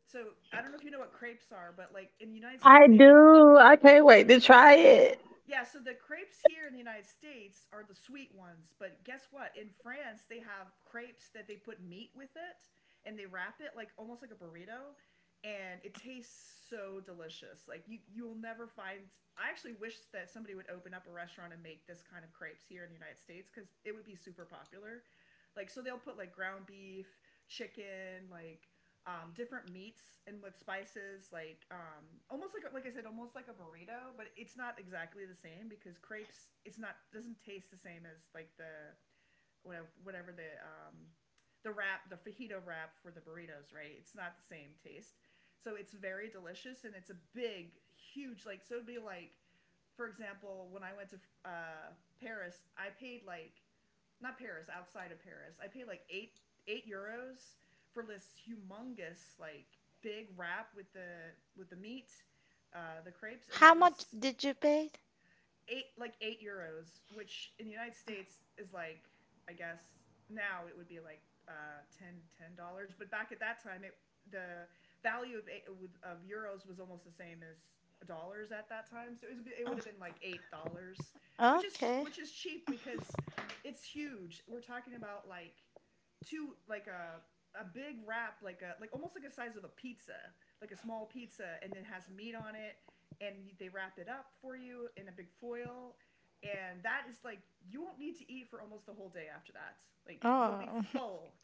So I don't know if you know what crepes are, but like in the United States,
I
they
do. I can't wait to try it.
Yeah, so the crepes here in the United States are the sweet ones, but guess what? In France, they have crepes that they put meat with it and they wrap it like almost like a burrito and it tastes so delicious. Like you'll never find I actually wish that somebody would open up a restaurant and make this kind of crepes here in the United States cuz it would be super popular. Like so they'll put like ground beef, chicken, like different meats and with spices, like almost like I said, almost like a burrito, but it's not exactly the same because crepes it's not doesn't taste the same as like the whatever the wrap the fajito wrap for the burritos, right? It's not the same taste, so it's very delicious and it's a big, huge like so it'd be like for example when I went to Paris, I paid like not Paris, outside of Paris. I paid like eight euros for this humongous like big wrap with the meat, the crepes, and
How
that
much
was
did you pay?
€8, which in the United States is like I guess now it would be like 10 ten dollars, but back at that time it the value of euros was almost the same as dollars at that time, so it was it would
Uh,
have been like $8,
Okay.
which is cheap because it's huge. We're talking about like two like a big wrap like a like almost like a size of a pizza like a small pizza and then has meat on it and they wrap it up for you in a big foil. And that is like, you won't need to eat for almost the whole day after that. Like, you'll be
Oh.
full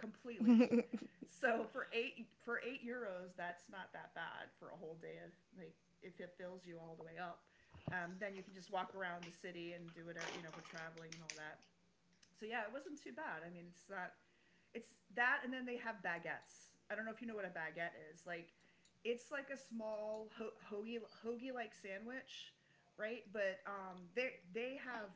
completely.
Hmm.
So for €8, that's not that bad for a whole day of like if it fills you all the way up. Then you can just walk around the city and do it, you know, for traveling and all that so yeah, it wasn't too bad. I mean, it's that, and then they have baguettes. I don't know if you know what a baguette is. Like, it's like a small hoagie like sandwich, right? But they have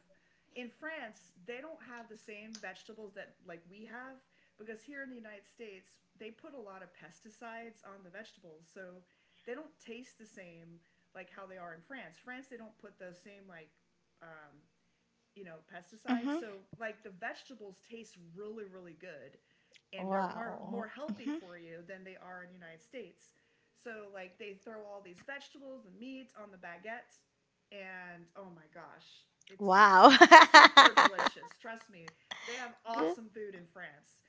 in France they don't have the same vegetables that like we have because here in the United States they put a lot of pesticides on the vegetables, so they don't taste the same like how they are in France. France they don't put the same like um, you know, pesticides. So like the vegetables taste really, really good and they're more, more
Wow.
healthy
Hmm.
for you than they are in the United States. So like they throw all these vegetables and meat on the baguette and oh my gosh, it's
Wow.
super delicious. Trust me. They have
Good
awesome food in France,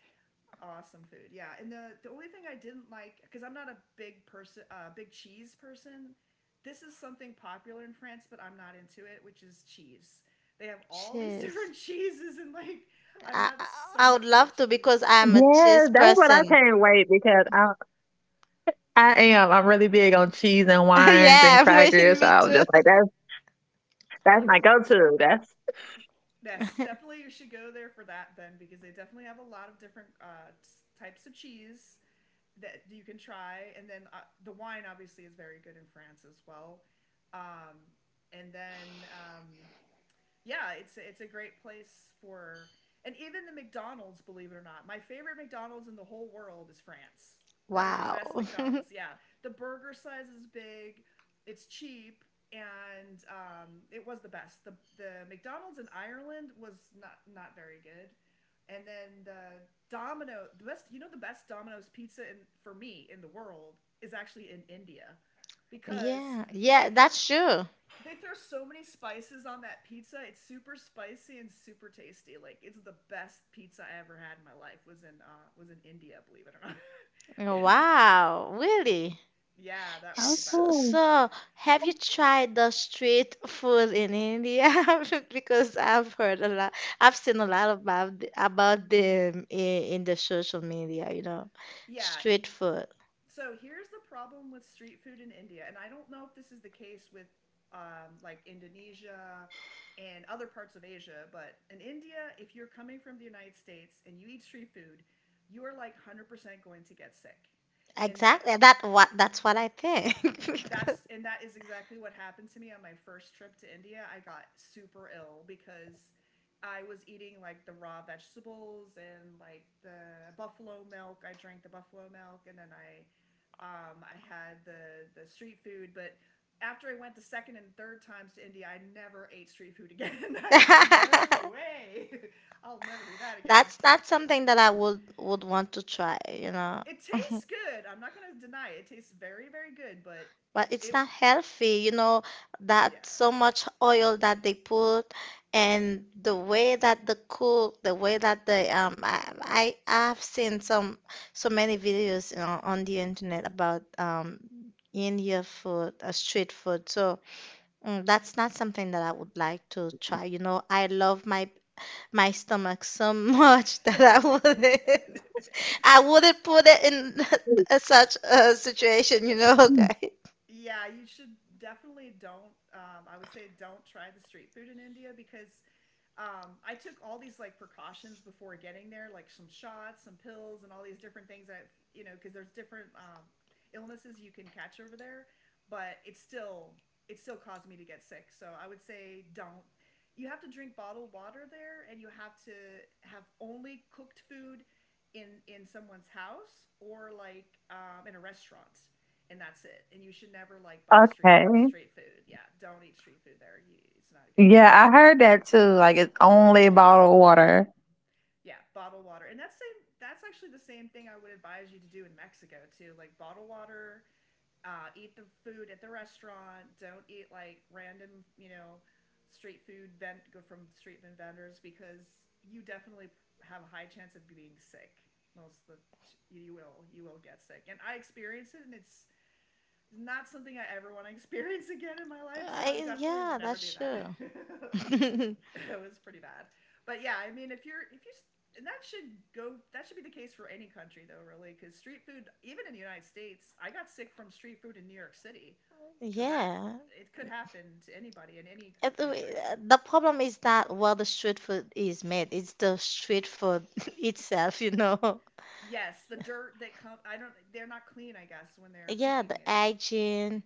awesome food. Yeah, and the only thing I didn't like, because I'm not a big person, big cheese person, this is something popular in France, but I'm not into it, which is cheese. They have all these
cheese.
different cheeses and like I'm
I,
not
I
so
I would
much into
love to,
cheese,
because I'm a cheese
Yes, that's what I
person.
can't wait because I am. I'm really big on cheese and
Yeah,
wines and
me
crackers. So
too.
I was just like, that's my
that you'll
go-to. That's
yes, definitely you should go there for that then, because they definitely have a lot of different types of cheese that you can try. And then the wine obviously is very good in France as well. Um and then Yeah, it's a great place for and even the McDonald's, believe it or not. My favorite McDonald's in the whole world is France. That was the best
Wow.
McDonald's. Yeah. The burger size is big, it's cheap, and it was the best. The McDonald's in Ireland was not not very good. And then the best, you know, the best Domino's pizza in, for me in the world is actually in India because
Yeah,
they
yeah,
throw
that's true.
they throw so many spices on that pizza. It's super spicy and super tasty. Like it's the best pizza I ever had in my life. Was in India, believe it or not. Is it-
Wow, really?
yeah, that was the
So,
best.
so,
okay.
have you tried the street food in India? Because I've heard a lot, I've seen a lot about about them in the social media, you know,
Yeah.
street food.
So here's the problem with street food in India, and I don't know if this is the case with like Indonesia and other parts of Asia, but in India, if you're coming from the United States and you eat street food, you are like 100% going to get sick. And that
Exactly. That's what I think. Because
and that is exactly what happened to me on my first trip to India. I got super ill because I was eating like the raw vegetables and like the buffalo milk. I drank the buffalo milk and then I had the street food, but after I went the second and third times to India, I never ate street food again. I said, no way. I'll never do that again.
that's not something that I would want to try, you know.
It tastes good. I'm not going to deny it. It tastes very, very good, but
But it's
it,
not healthy, you know,
yeah,
that so much oil that they put, and the way that they cook, the way that they I've seen some so many videos, you know, on the internet about India food, street food. So that's not something that I would like to try. You know, I love my stomach so much that I wouldn't I wouldn't put it in such a situation, you know, guys.
yeah, you should definitely don't. I would say don't try the street food in India because I took all these like precautions before getting there, like some shots, some pills, and all these different things that you know, because there's different illnesses you can catch over there. But it still caused me to get sick. So I would say don't. You have to drink bottled water there, and you have to have only cooked food in someone's house or like in a restaurant, and that's it. And you should never like buy
Okay.
street food. Yeah, don't eat street food there. You, it's not a good
Yeah,
idea.
I heard that too. Like it's only bottled water.
Yeah, bottled water. And that's actually the same thing I would advise you to do in Mexico too. Like bottle water, eat the food at the restaurant, don't eat like random, you know, street food vent go from street food vendors because you definitely have a high chance of being sick. Most of the you will get sick. And I experienced it and it's not something I ever want to experience again in my life, so I
I
definitely would
Yeah,
never do
that's
that.
true.
It was pretty bad. But yeah, I mean, if you're if you and that should go that should be the case for any country though, really, because street food, even in the United States, I got sick from street food in New York City, so that
Yeah.
it could happen to anybody in any
And
country.
the problem is that while the street food is made, it's the street food itself, you know.
Yes, the dirt that come I don't they're not clean, I guess, when they're
Yeah, the
cooking it.
hygiene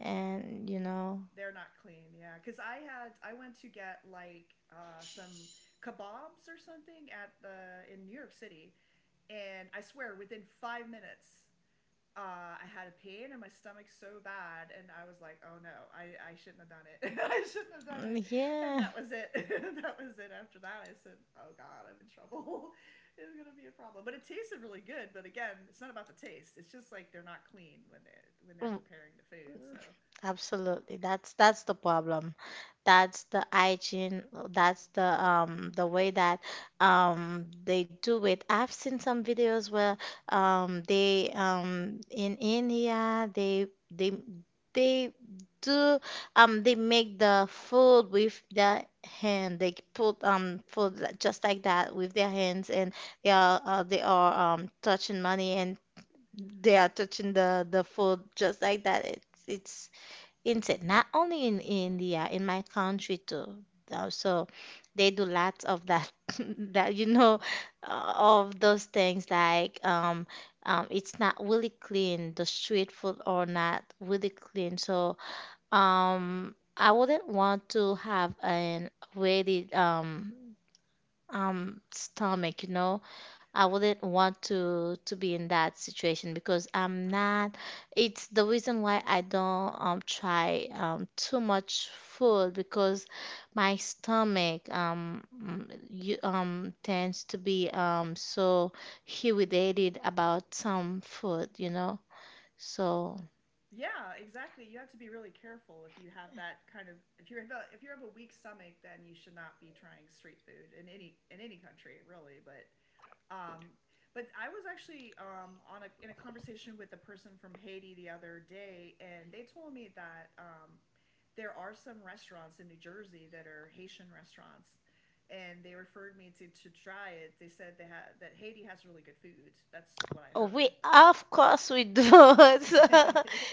and you know,
They're not clean, yeah. Cause I went to get like some kebabs or something at the in New York City, and I swear within 5 minutes I had a pain in my stomach so bad, and I was like, "Oh no, I shouldn't have done it. I shouldn't have done
mm,
it." And
yeah.
that was it. That was it. After that, I said, "Oh God, I'm in trouble. It's gonna be a problem." But it tasted really good. But again, it's not about the taste. It's just like they're not clean when they when they're preparing the food. So
Absolutely. That's the problem. That's the hygiene. That's the way that they do it. I've seen some videos where they in India they they do they make the food with their hand. They put just like that with their hands, and they are touching money, and they are touching the food just like that. It's insect, not only in India, in my country too. So they do lots of that that you know of those things like it's not really clean, the street food are not really clean. So I wouldn't want to have an really stomach, you know. I wouldn't want to be in that situation because I'm not. It's the reason why I don't try too much food because my stomach tends to be so irritated about some food, you know. So.
yeah, exactly. You have to be really careful if you have that kind of if you have a weak stomach, then you should not be trying street food in any country really. Um, but I was actually on in a conversation with a person from Haiti the other day, and they told me that there are some restaurants in New Jersey that are Haitian restaurants, and they referred me to try it. They said they had that Haiti has really good food. That's what I
Oh,
heard.
we of course we do.
Yeah.
So,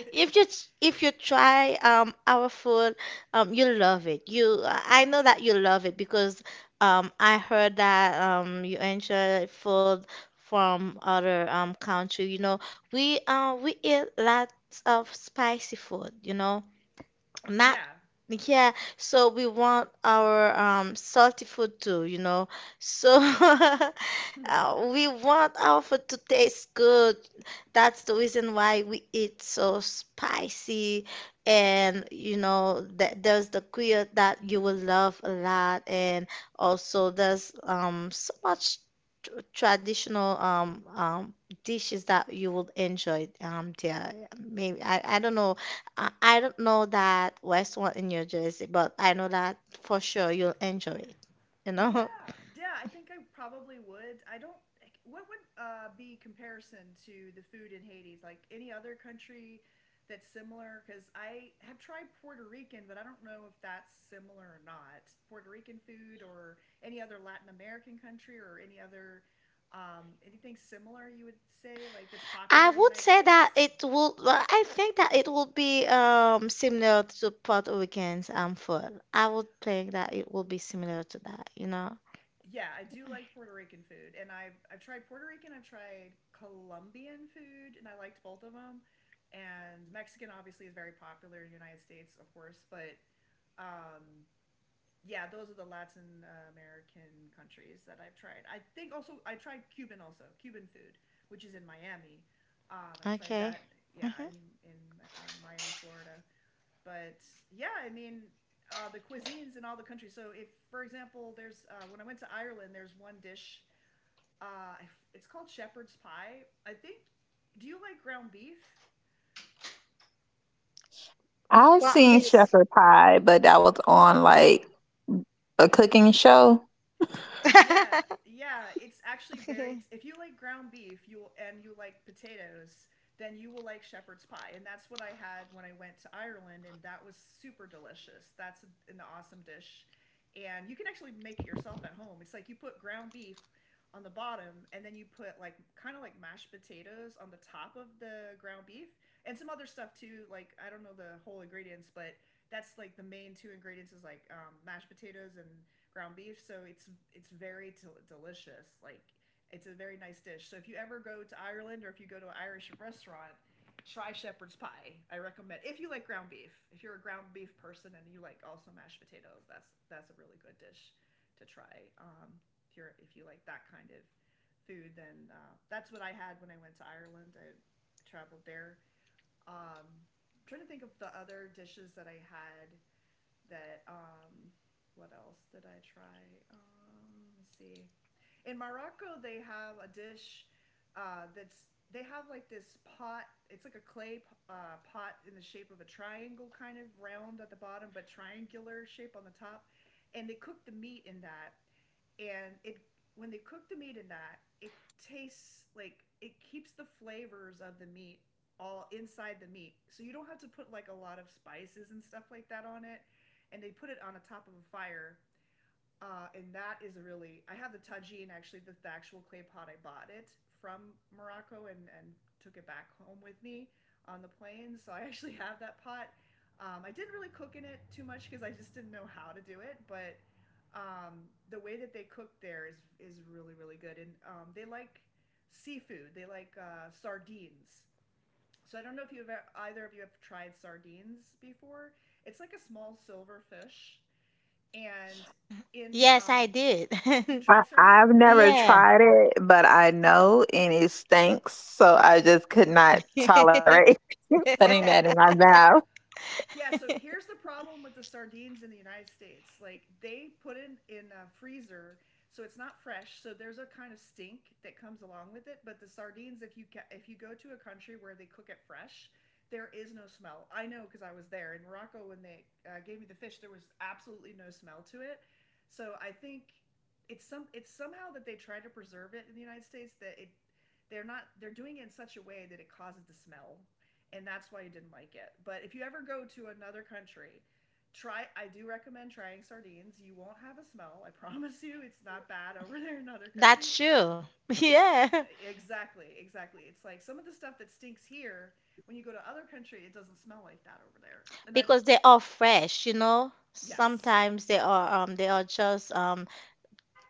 if you if you try our food, you'll love it. You, I know that you love it because I heard that you enjoy food from other country. You know we eat lots of spicy food. You know not,
yeah.
yeah, so we want our salty food too, you know. So we want our food to taste good. That's the reason why we eat so spicy. And, you know, that there's the queer that you will love a lot. And also, there's so much tr traditional dishes that you will enjoy, dear. Maybe, I don't know that Westmont in New Jersey, but I know that for sure you'll enjoy it. You
Yeah,
know,
yeah. I think I probably would. I don't. Like, what would be comparison to the food in Haiti? Like any other country that's similar? Because I have tried Puerto Rican, but I don't know if that's similar or not. Puerto Rican food, or any other Latin American country, or any other anything similar you would say like that's
I
popular in the
would
United
say that
States.
it will. Well, I think that it will be similar to Puerto Rican's food. I would think that it will be similar to that. You know.
Yeah, I do like Puerto Rican food, and I've tried Puerto Rican, I've tried Colombian food, and I liked both of them. And Mexican obviously is very popular in the United States, of course, but um, yeah, those are the Latin American countries that I've tried. I think also I tried Cuban, also Cuban food, which is in Miami. I tried
Okay.
that yeah
Mm-hmm.
in on Miami, Florida, but yeah, I mean, the cuisines in all the countries. So if, for example, there's when I went to Ireland, there's one dish. Uh, it's called shepherd's pie, I think. Do you like ground beef? Do
I
you?
seen
Columbus.
shepherd pie, but that was on like a cooking show.
Yeah, yeah, it's actually very. If you like ground beef, you and you like potatoes, then you will like shepherd's pie, and that's what I had when I went to Ireland, and that was super delicious. That's an awesome dish, and you can actually make it yourself at home. It's like you put ground beef on the bottom, and then you put like kind of like mashed potatoes on the top of the ground beef, and some other stuff too. Like I don't know the whole ingredients, but that's like the main two ingredients is like mashed potatoes and ground beef, so it's very delicious. Like it's a very nice dish. So if you ever go to Ireland or if you go to an Irish restaurant, try shepherd's pie. I recommend if you like ground beef. If you're a ground beef person and you like also mashed potatoes, that's a really good dish to try. If you're if you like that kind of food, then that's what I had when I went to Ireland. I traveled there. I'm trying to think of the other dishes that I had that what else did I try? Let me see. In Morocco, they have a dish that's they have like this pot. It's like a clay pot in the shape of a triangle, kind of round at the bottom, but triangular shape on the top. And they cook the meat in that. And it when they cook the meat in that, it tastes like it keeps the flavors of the meat all inside the meat. So you don't have to put like a lot of spices and stuff like that on it, and they put it on the top of a fire. And that is a really. I have the tagine actually, the actual clay pot. I bought it from Morocco, and took it back home with me on the plane. So I actually have that pot. I didn't really cook in it too much because I just didn't know how to do it. But the way that they cook there is really really good, and they like seafood. They like sardines. So I don't know if you've ever, either of you have tried sardines before. It's like a small silver fish and in
Yes, I did.
you
I,
tried sardines.
I've never
Yeah,
tried it, but I know and it stinks, so I just could not tolerate putting that
Well,
in my mouth.
yeah, so here's the problem with the sardines in the United States. Like they put it in a freezer, so it's not fresh. So there's a kind of stink that comes along with it. But the sardines, if you if you go to a country where they cook it fresh, there is no smell. I know because I was there in Morocco when they gave me the fish. There was absolutely no smell to it. So I think it's some it's somehow that they try to preserve it in the United States that it they're not they're doing it in such a way that it causes the smell, and that's why you didn't like it. But if you ever go to another country, try. I do recommend trying sardines. You won't have a smell. I promise you, it's not bad over there in other
that's
countries.
true.
It's
Yeah,
exactly, exactly. It's like some of the stuff that stinks here. When you go to other country, it doesn't smell like that over there. And I
because they are fresh, you know.
yes,
Sometimes they are just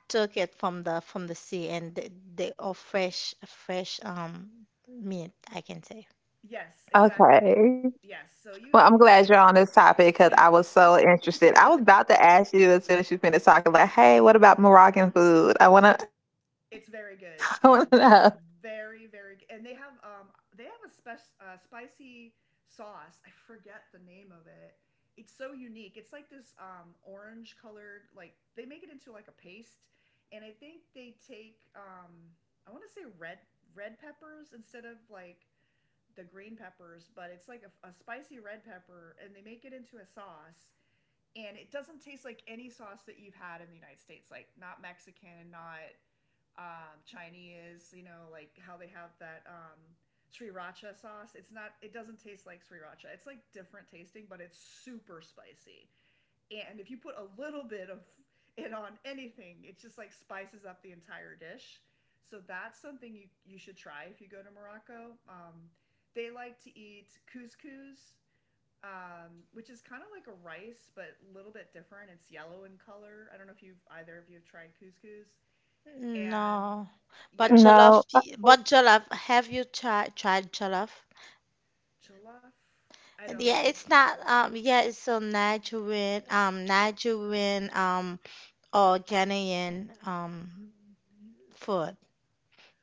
took it from the sea and they are fresh meat, I can say.
yes, exactly,
Okay.
yes. So
Well,
you
I'm
if.
glad you're on this topic because I was so interested. I was about to ask you as soon as you finished talking, like, "Hey, what about Moroccan food? I wanna, I wanna
It's
know."
very good. The, very very good. And they have a spicy sauce. I forget the name of it. It's so unique. It's like this orange colored like they make it into like a paste, and I think they take I want to say red red peppers instead of like the green peppers, but it's like a spicy red pepper, and they make it into a sauce, and it doesn't taste like any sauce that you've had in the United States, like not Mexican, not Chinese, you know, like how they have that sriracha sauce. It's not, it doesn't taste like sriracha. It's like different tasting, but it's super spicy. And if you put a little bit of it on anything, it just like spices up the entire dish. So that's something you should try if you go to Morocco. They like to eat couscous, which is kind of like a rice, but a little bit different. It's yellow in color. I don't know if you've either of you have tried couscous and
No, but
yeah,
jollof,
No.
have you tried jollof?
jollof. I don't
Yeah,
know
it's
what that
not
is.
yeah, it's so Nigerian, Nigerian or Ghanaian food.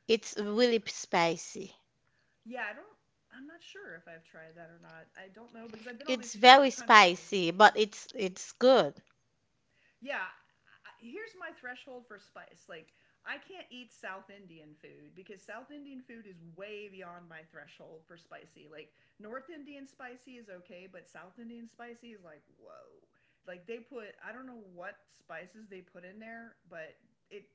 It's really spicy.
Yeah, I don't. I'm not sure if I've tried that or not. I don't know because I've been all these
It's very
different countries.
spicy, but it's good.
Yeah, here's my threshold for spice. Like, I can't eat South Indian food because South Indian food is way beyond my threshold for spicy. Like, North Indian spicy is okay, but South Indian spicy is like, whoa. Like, they put, I don't know what spices they put in there, but it.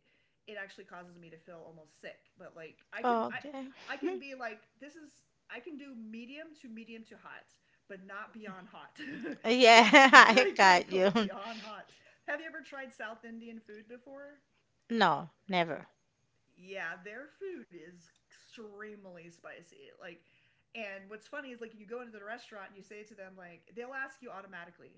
It actually causes me to feel almost sick, but like
Okay.
I can be like this is I can do medium to medium to hot, but not beyond hot.
Yeah.
beyond
I
I can't
got
go
you.
beyond hot. Have you ever tried South Indian food before?
No, never.
Yeah, their food is extremely spicy. Like, and what's funny is like you go into the restaurant and you say to them like they'll ask you automatically,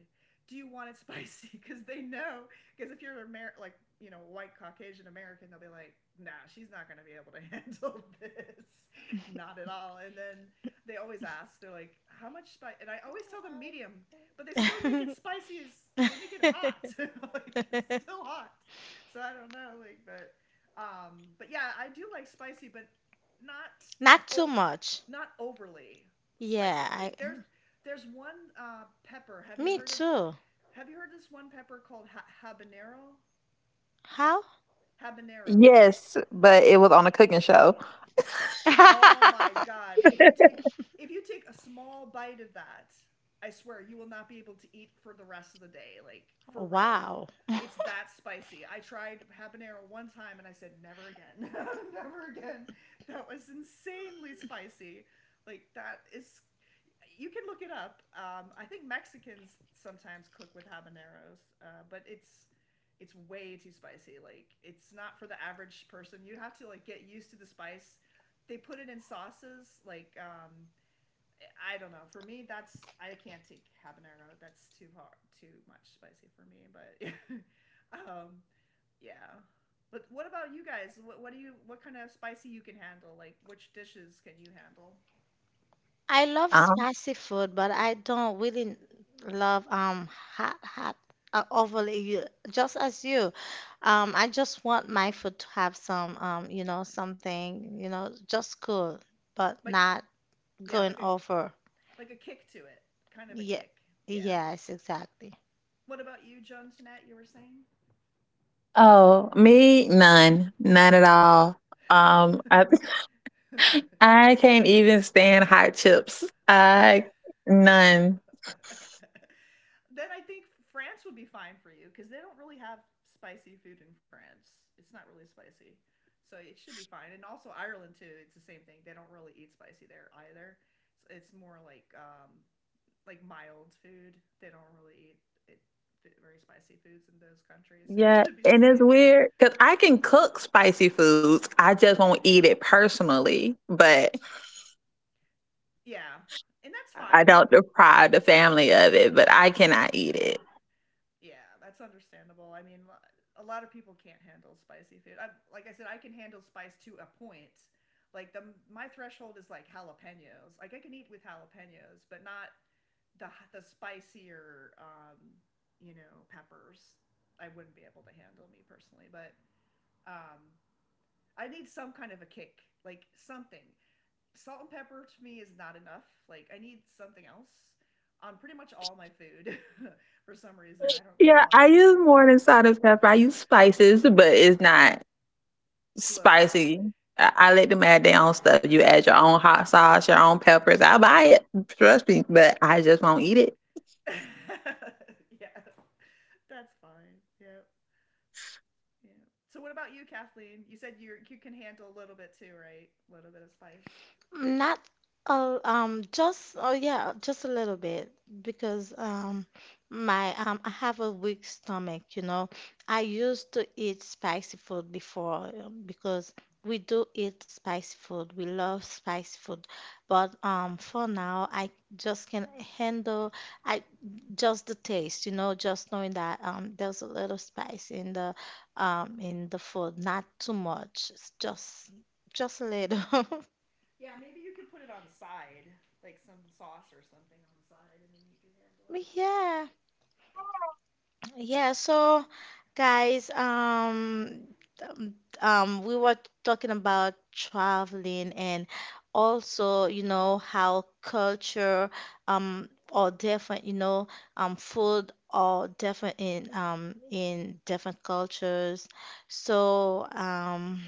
"Do you want it spicy?" Because they know. Because if you're like you know white Caucasian American, they'll be like, "Nah, she's not gonna be able to handle this, not at all." And then they always ask, they're like, "How much spice?" And I always tell them medium, but they still make it spicy as they make it hot. like it's still hot. So I don't know, like, but yeah, I do like spicy, but not
Not
oh,
too much.
not overly
Yeah,
spicy. Like
I
there's one pepper. Have you
me
heard of
too.
Have you heard this one pepper called habanero?
How?
Habanero. It's
Yes, but it was on a cooking show.
Oh my god. If you take a small bite of that, I swear you will not be able to eat for the rest of the day. Like for real.
Wow.
It's that spicy. I tried habanero one time and I said never again. never again. That was insanely spicy. Like that is you can look it up. I think Mexicans sometimes cook with habaneros, but it's way too spicy. Like it's not for the average person. You'd have to like get used to the spice. They put it in sauces. Like I don't know. For me, that's I can't take habanero. That's too hard, too much spicy for me. But um, yeah. But what about you guys? What do you? What kind of spicy you can handle? Like which dishes can you handle?
I love
Um,
spicy food, but I don't really love hot overly just as you. I just want my food to have some you know something, you know, just cool, but
Like
not
yeah,
going over.
like a kick to it, kind of a
Yeah.
kick. Yeah.
Yes, exactly.
What about you, John Jeanette? You were saying.
oh, me, none at all. Um, I,
then
I can't even stand hot chips. I None.
I think France would be fine for you because they don't really have spicy food in France. It's not really spicy, so it should be fine. And also Ireland too. It's the same thing. They don't really eat spicy there either. It's more like mild food. They don't really eat it, very spicy foods in those countries. So you
Yeah,
should be
and it's
safe.
weird because I can cook spicy foods. I just won't eat it personally. But
yeah, and that's
I
fine. You,
don't deprive the family of it, but I cannot eat it.
yeah, that's understandable. I mean, a lot of people can't handle spicy food. I, like I said, I can handle spice to a point. Like the my threshold is like jalapenos. Like I can eat with jalapenos, but not the the spicier, you know, peppers. I wouldn't be able to handle me personally, but um, I need some kind of a kick, like something. Salt and pepper to me is not enough. Like I need something else on pretty much all my food for some reason. I don't
Yeah,
know
I
why.
use more than salt and pepper. I use spices, but it's not
A little bit.
spicy. I let them add their own stuff. You add your own hot sauce, your own peppers. I'll buy it. Trust me. But I just won't eat it.
yeah. That's fine. Yep. Yeah. So what about you, Kathleen? You said you can handle a little bit too, right? A little bit of spice.
Not a, just oh yeah, just a little bit because my I have a weak stomach, you know. I used to eat spicy food before because we do eat spicy food. We love spicy food. But for now I just can handle I just the taste, you know, just knowing that there's a little spice in the food, not too much. It's just a little.
Yeah, maybe you could put it on the side, like some sauce or something on the side, and then you could handle it.
Yeah,
Yeah.
yeah. So, guys, um, we were talking about traveling, and also, you know, how culture, or different, you know, food or different in different cultures. So,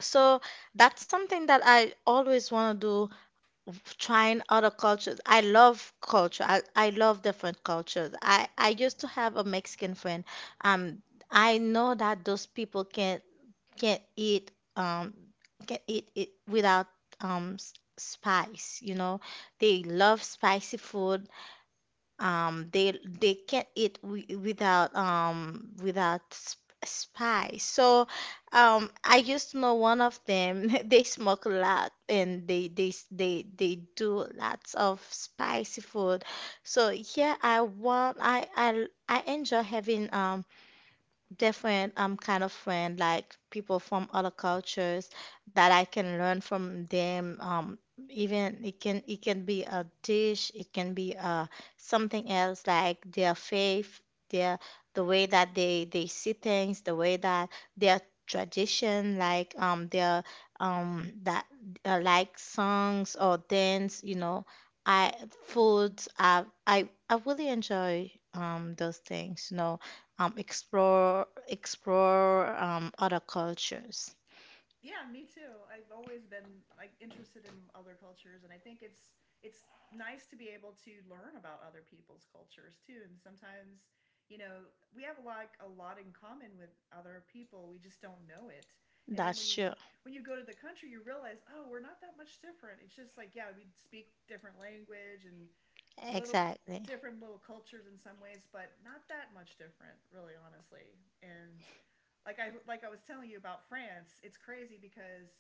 so that's something that I always want to do, trying other cultures. I love culture. I love different cultures. I used to have a Mexican friend. Um, I know that those people can't can't eat um can't eat it without um s- spice, you know. They love spicy food. They can't eat without without sp spice. So, I used to know one of them. They smoke a lot, and they s- they do lots of spicy food. So yeah, I want I enjoy having different kind of friend, like people from other cultures that I can learn from them. Even it can be a dish, it can be something else like their faith, their the way that they see things, the way that their tradition, like their that like songs or dance, you know, I foods. I really enjoy those things, you know, explore, other cultures.
Yeah, me too. I've always been like interested in other cultures, and I think it's nice to be able to learn about other people's cultures too. And sometimes, you know, we have like a lot in common with other people. We just don't know it. And then
That's true.
when you go to the country, you realize, oh, we're not that much different. It's just like, yeah, we speak different language and little
Exactly.
different little cultures in some ways, but not that much different, really, honestly. And like I was telling you about France, it's crazy because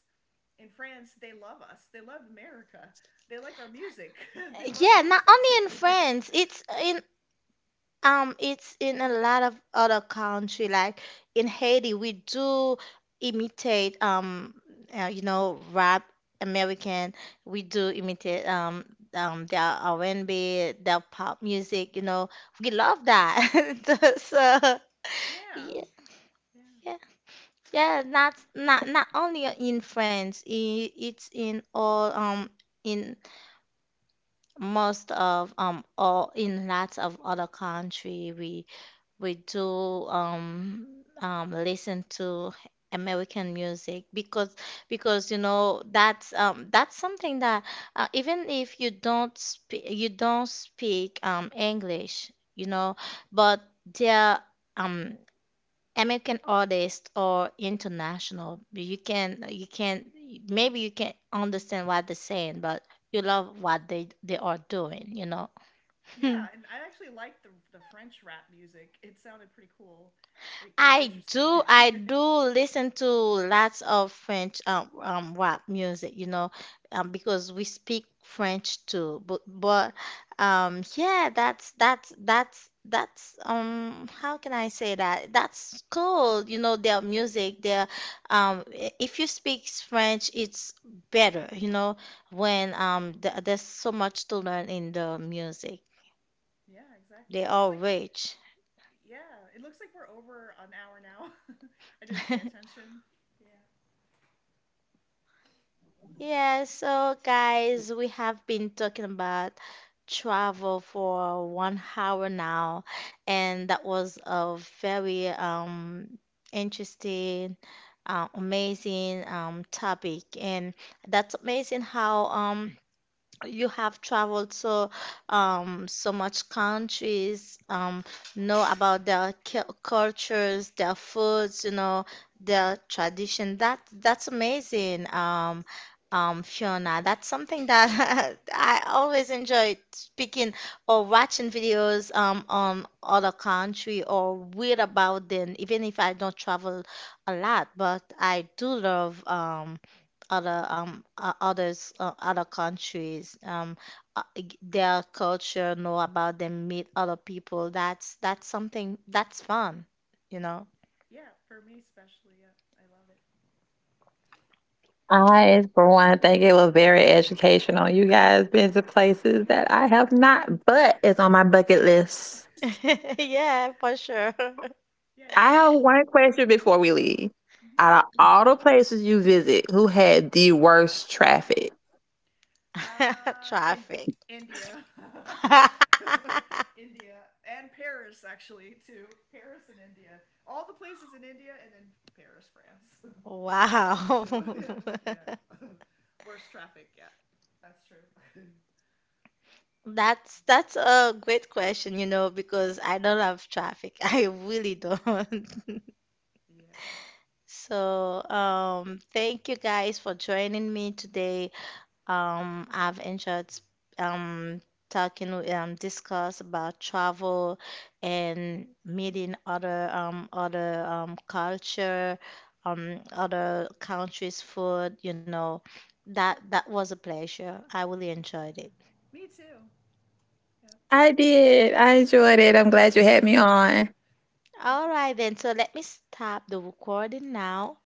in France they love us. They love America. They like our music. they love
Yeah, not
listening
only
to
in
it.
France, it's in a lot of other country, like in Haiti we do imitate you know, rap American, we do imitate their R&B, their pop music, you know, we love that. So
yeah.
yeah,
Yeah.
yeah. Yeah, that's not not only in France. It's in all in most of all in lots of other country. We do listen to American music because you know that's something that even if you don't speak, you don't speak English, you know, but there um American artist or international, you can maybe you can understand what they're saying, but you love what they are doing, you know.
Yeah, and I actually liked the French rap music. It sounded pretty cool. Like it was interesting.
I do listen to lots of French rap music, you know, because we speak French too. But yeah, that's how can I say that? That's cool, you know, their music, their if you speak French, it's better, you know, when th there's so much to learn in the music.
yeah, exactly.
They
It looks
are
like
rich.
yeah, it looks like we're over an hour now. I didn't pay attention. Yeah.
Yeah, so guys, we have been talking about travel for 1 hour now, and that was a very interesting, amazing topic, and that's amazing how you have traveled so so much countries, know about their cultures, their foods, you know, their tradition. That that's amazing. Fiona, that's something that I always enjoy speaking or watching videos on other country, or read about them, even if I don't travel a lot. But I do love other others other countries, their culture, know about them, meet other people. That's something that's fun, you know.
Yeah, for me especially. Yeah, I love it.
I, for one, think it was very educational. You guys been to places that I have not, but it's on my bucket list.
Yeah, for sure.
yeah,
I
you
have
should.
one question before we leave.
Mm-hmm.
Out of all the places you visit, who had the worst traffic?
In
Traffic.
India, India, and Paris actually too. Paris and India, all the places in India, and then Paris, France. Those
Wow.
two, yeah, yeah. Worst traffic, yeah. That's true.
That's a great question, you know, because I don't have traffic. I really don't.
yeah,
So thank you guys for joining me today. I've enjoyed um, talking, discuss about travel and meeting other other culture, other countries' food. You know, that that was a pleasure. I really enjoyed it.
me too. Yeah,
I did. I enjoyed it. I'm glad you had me on.
thank
All
you
right,
so
then. So let me stop the recording now.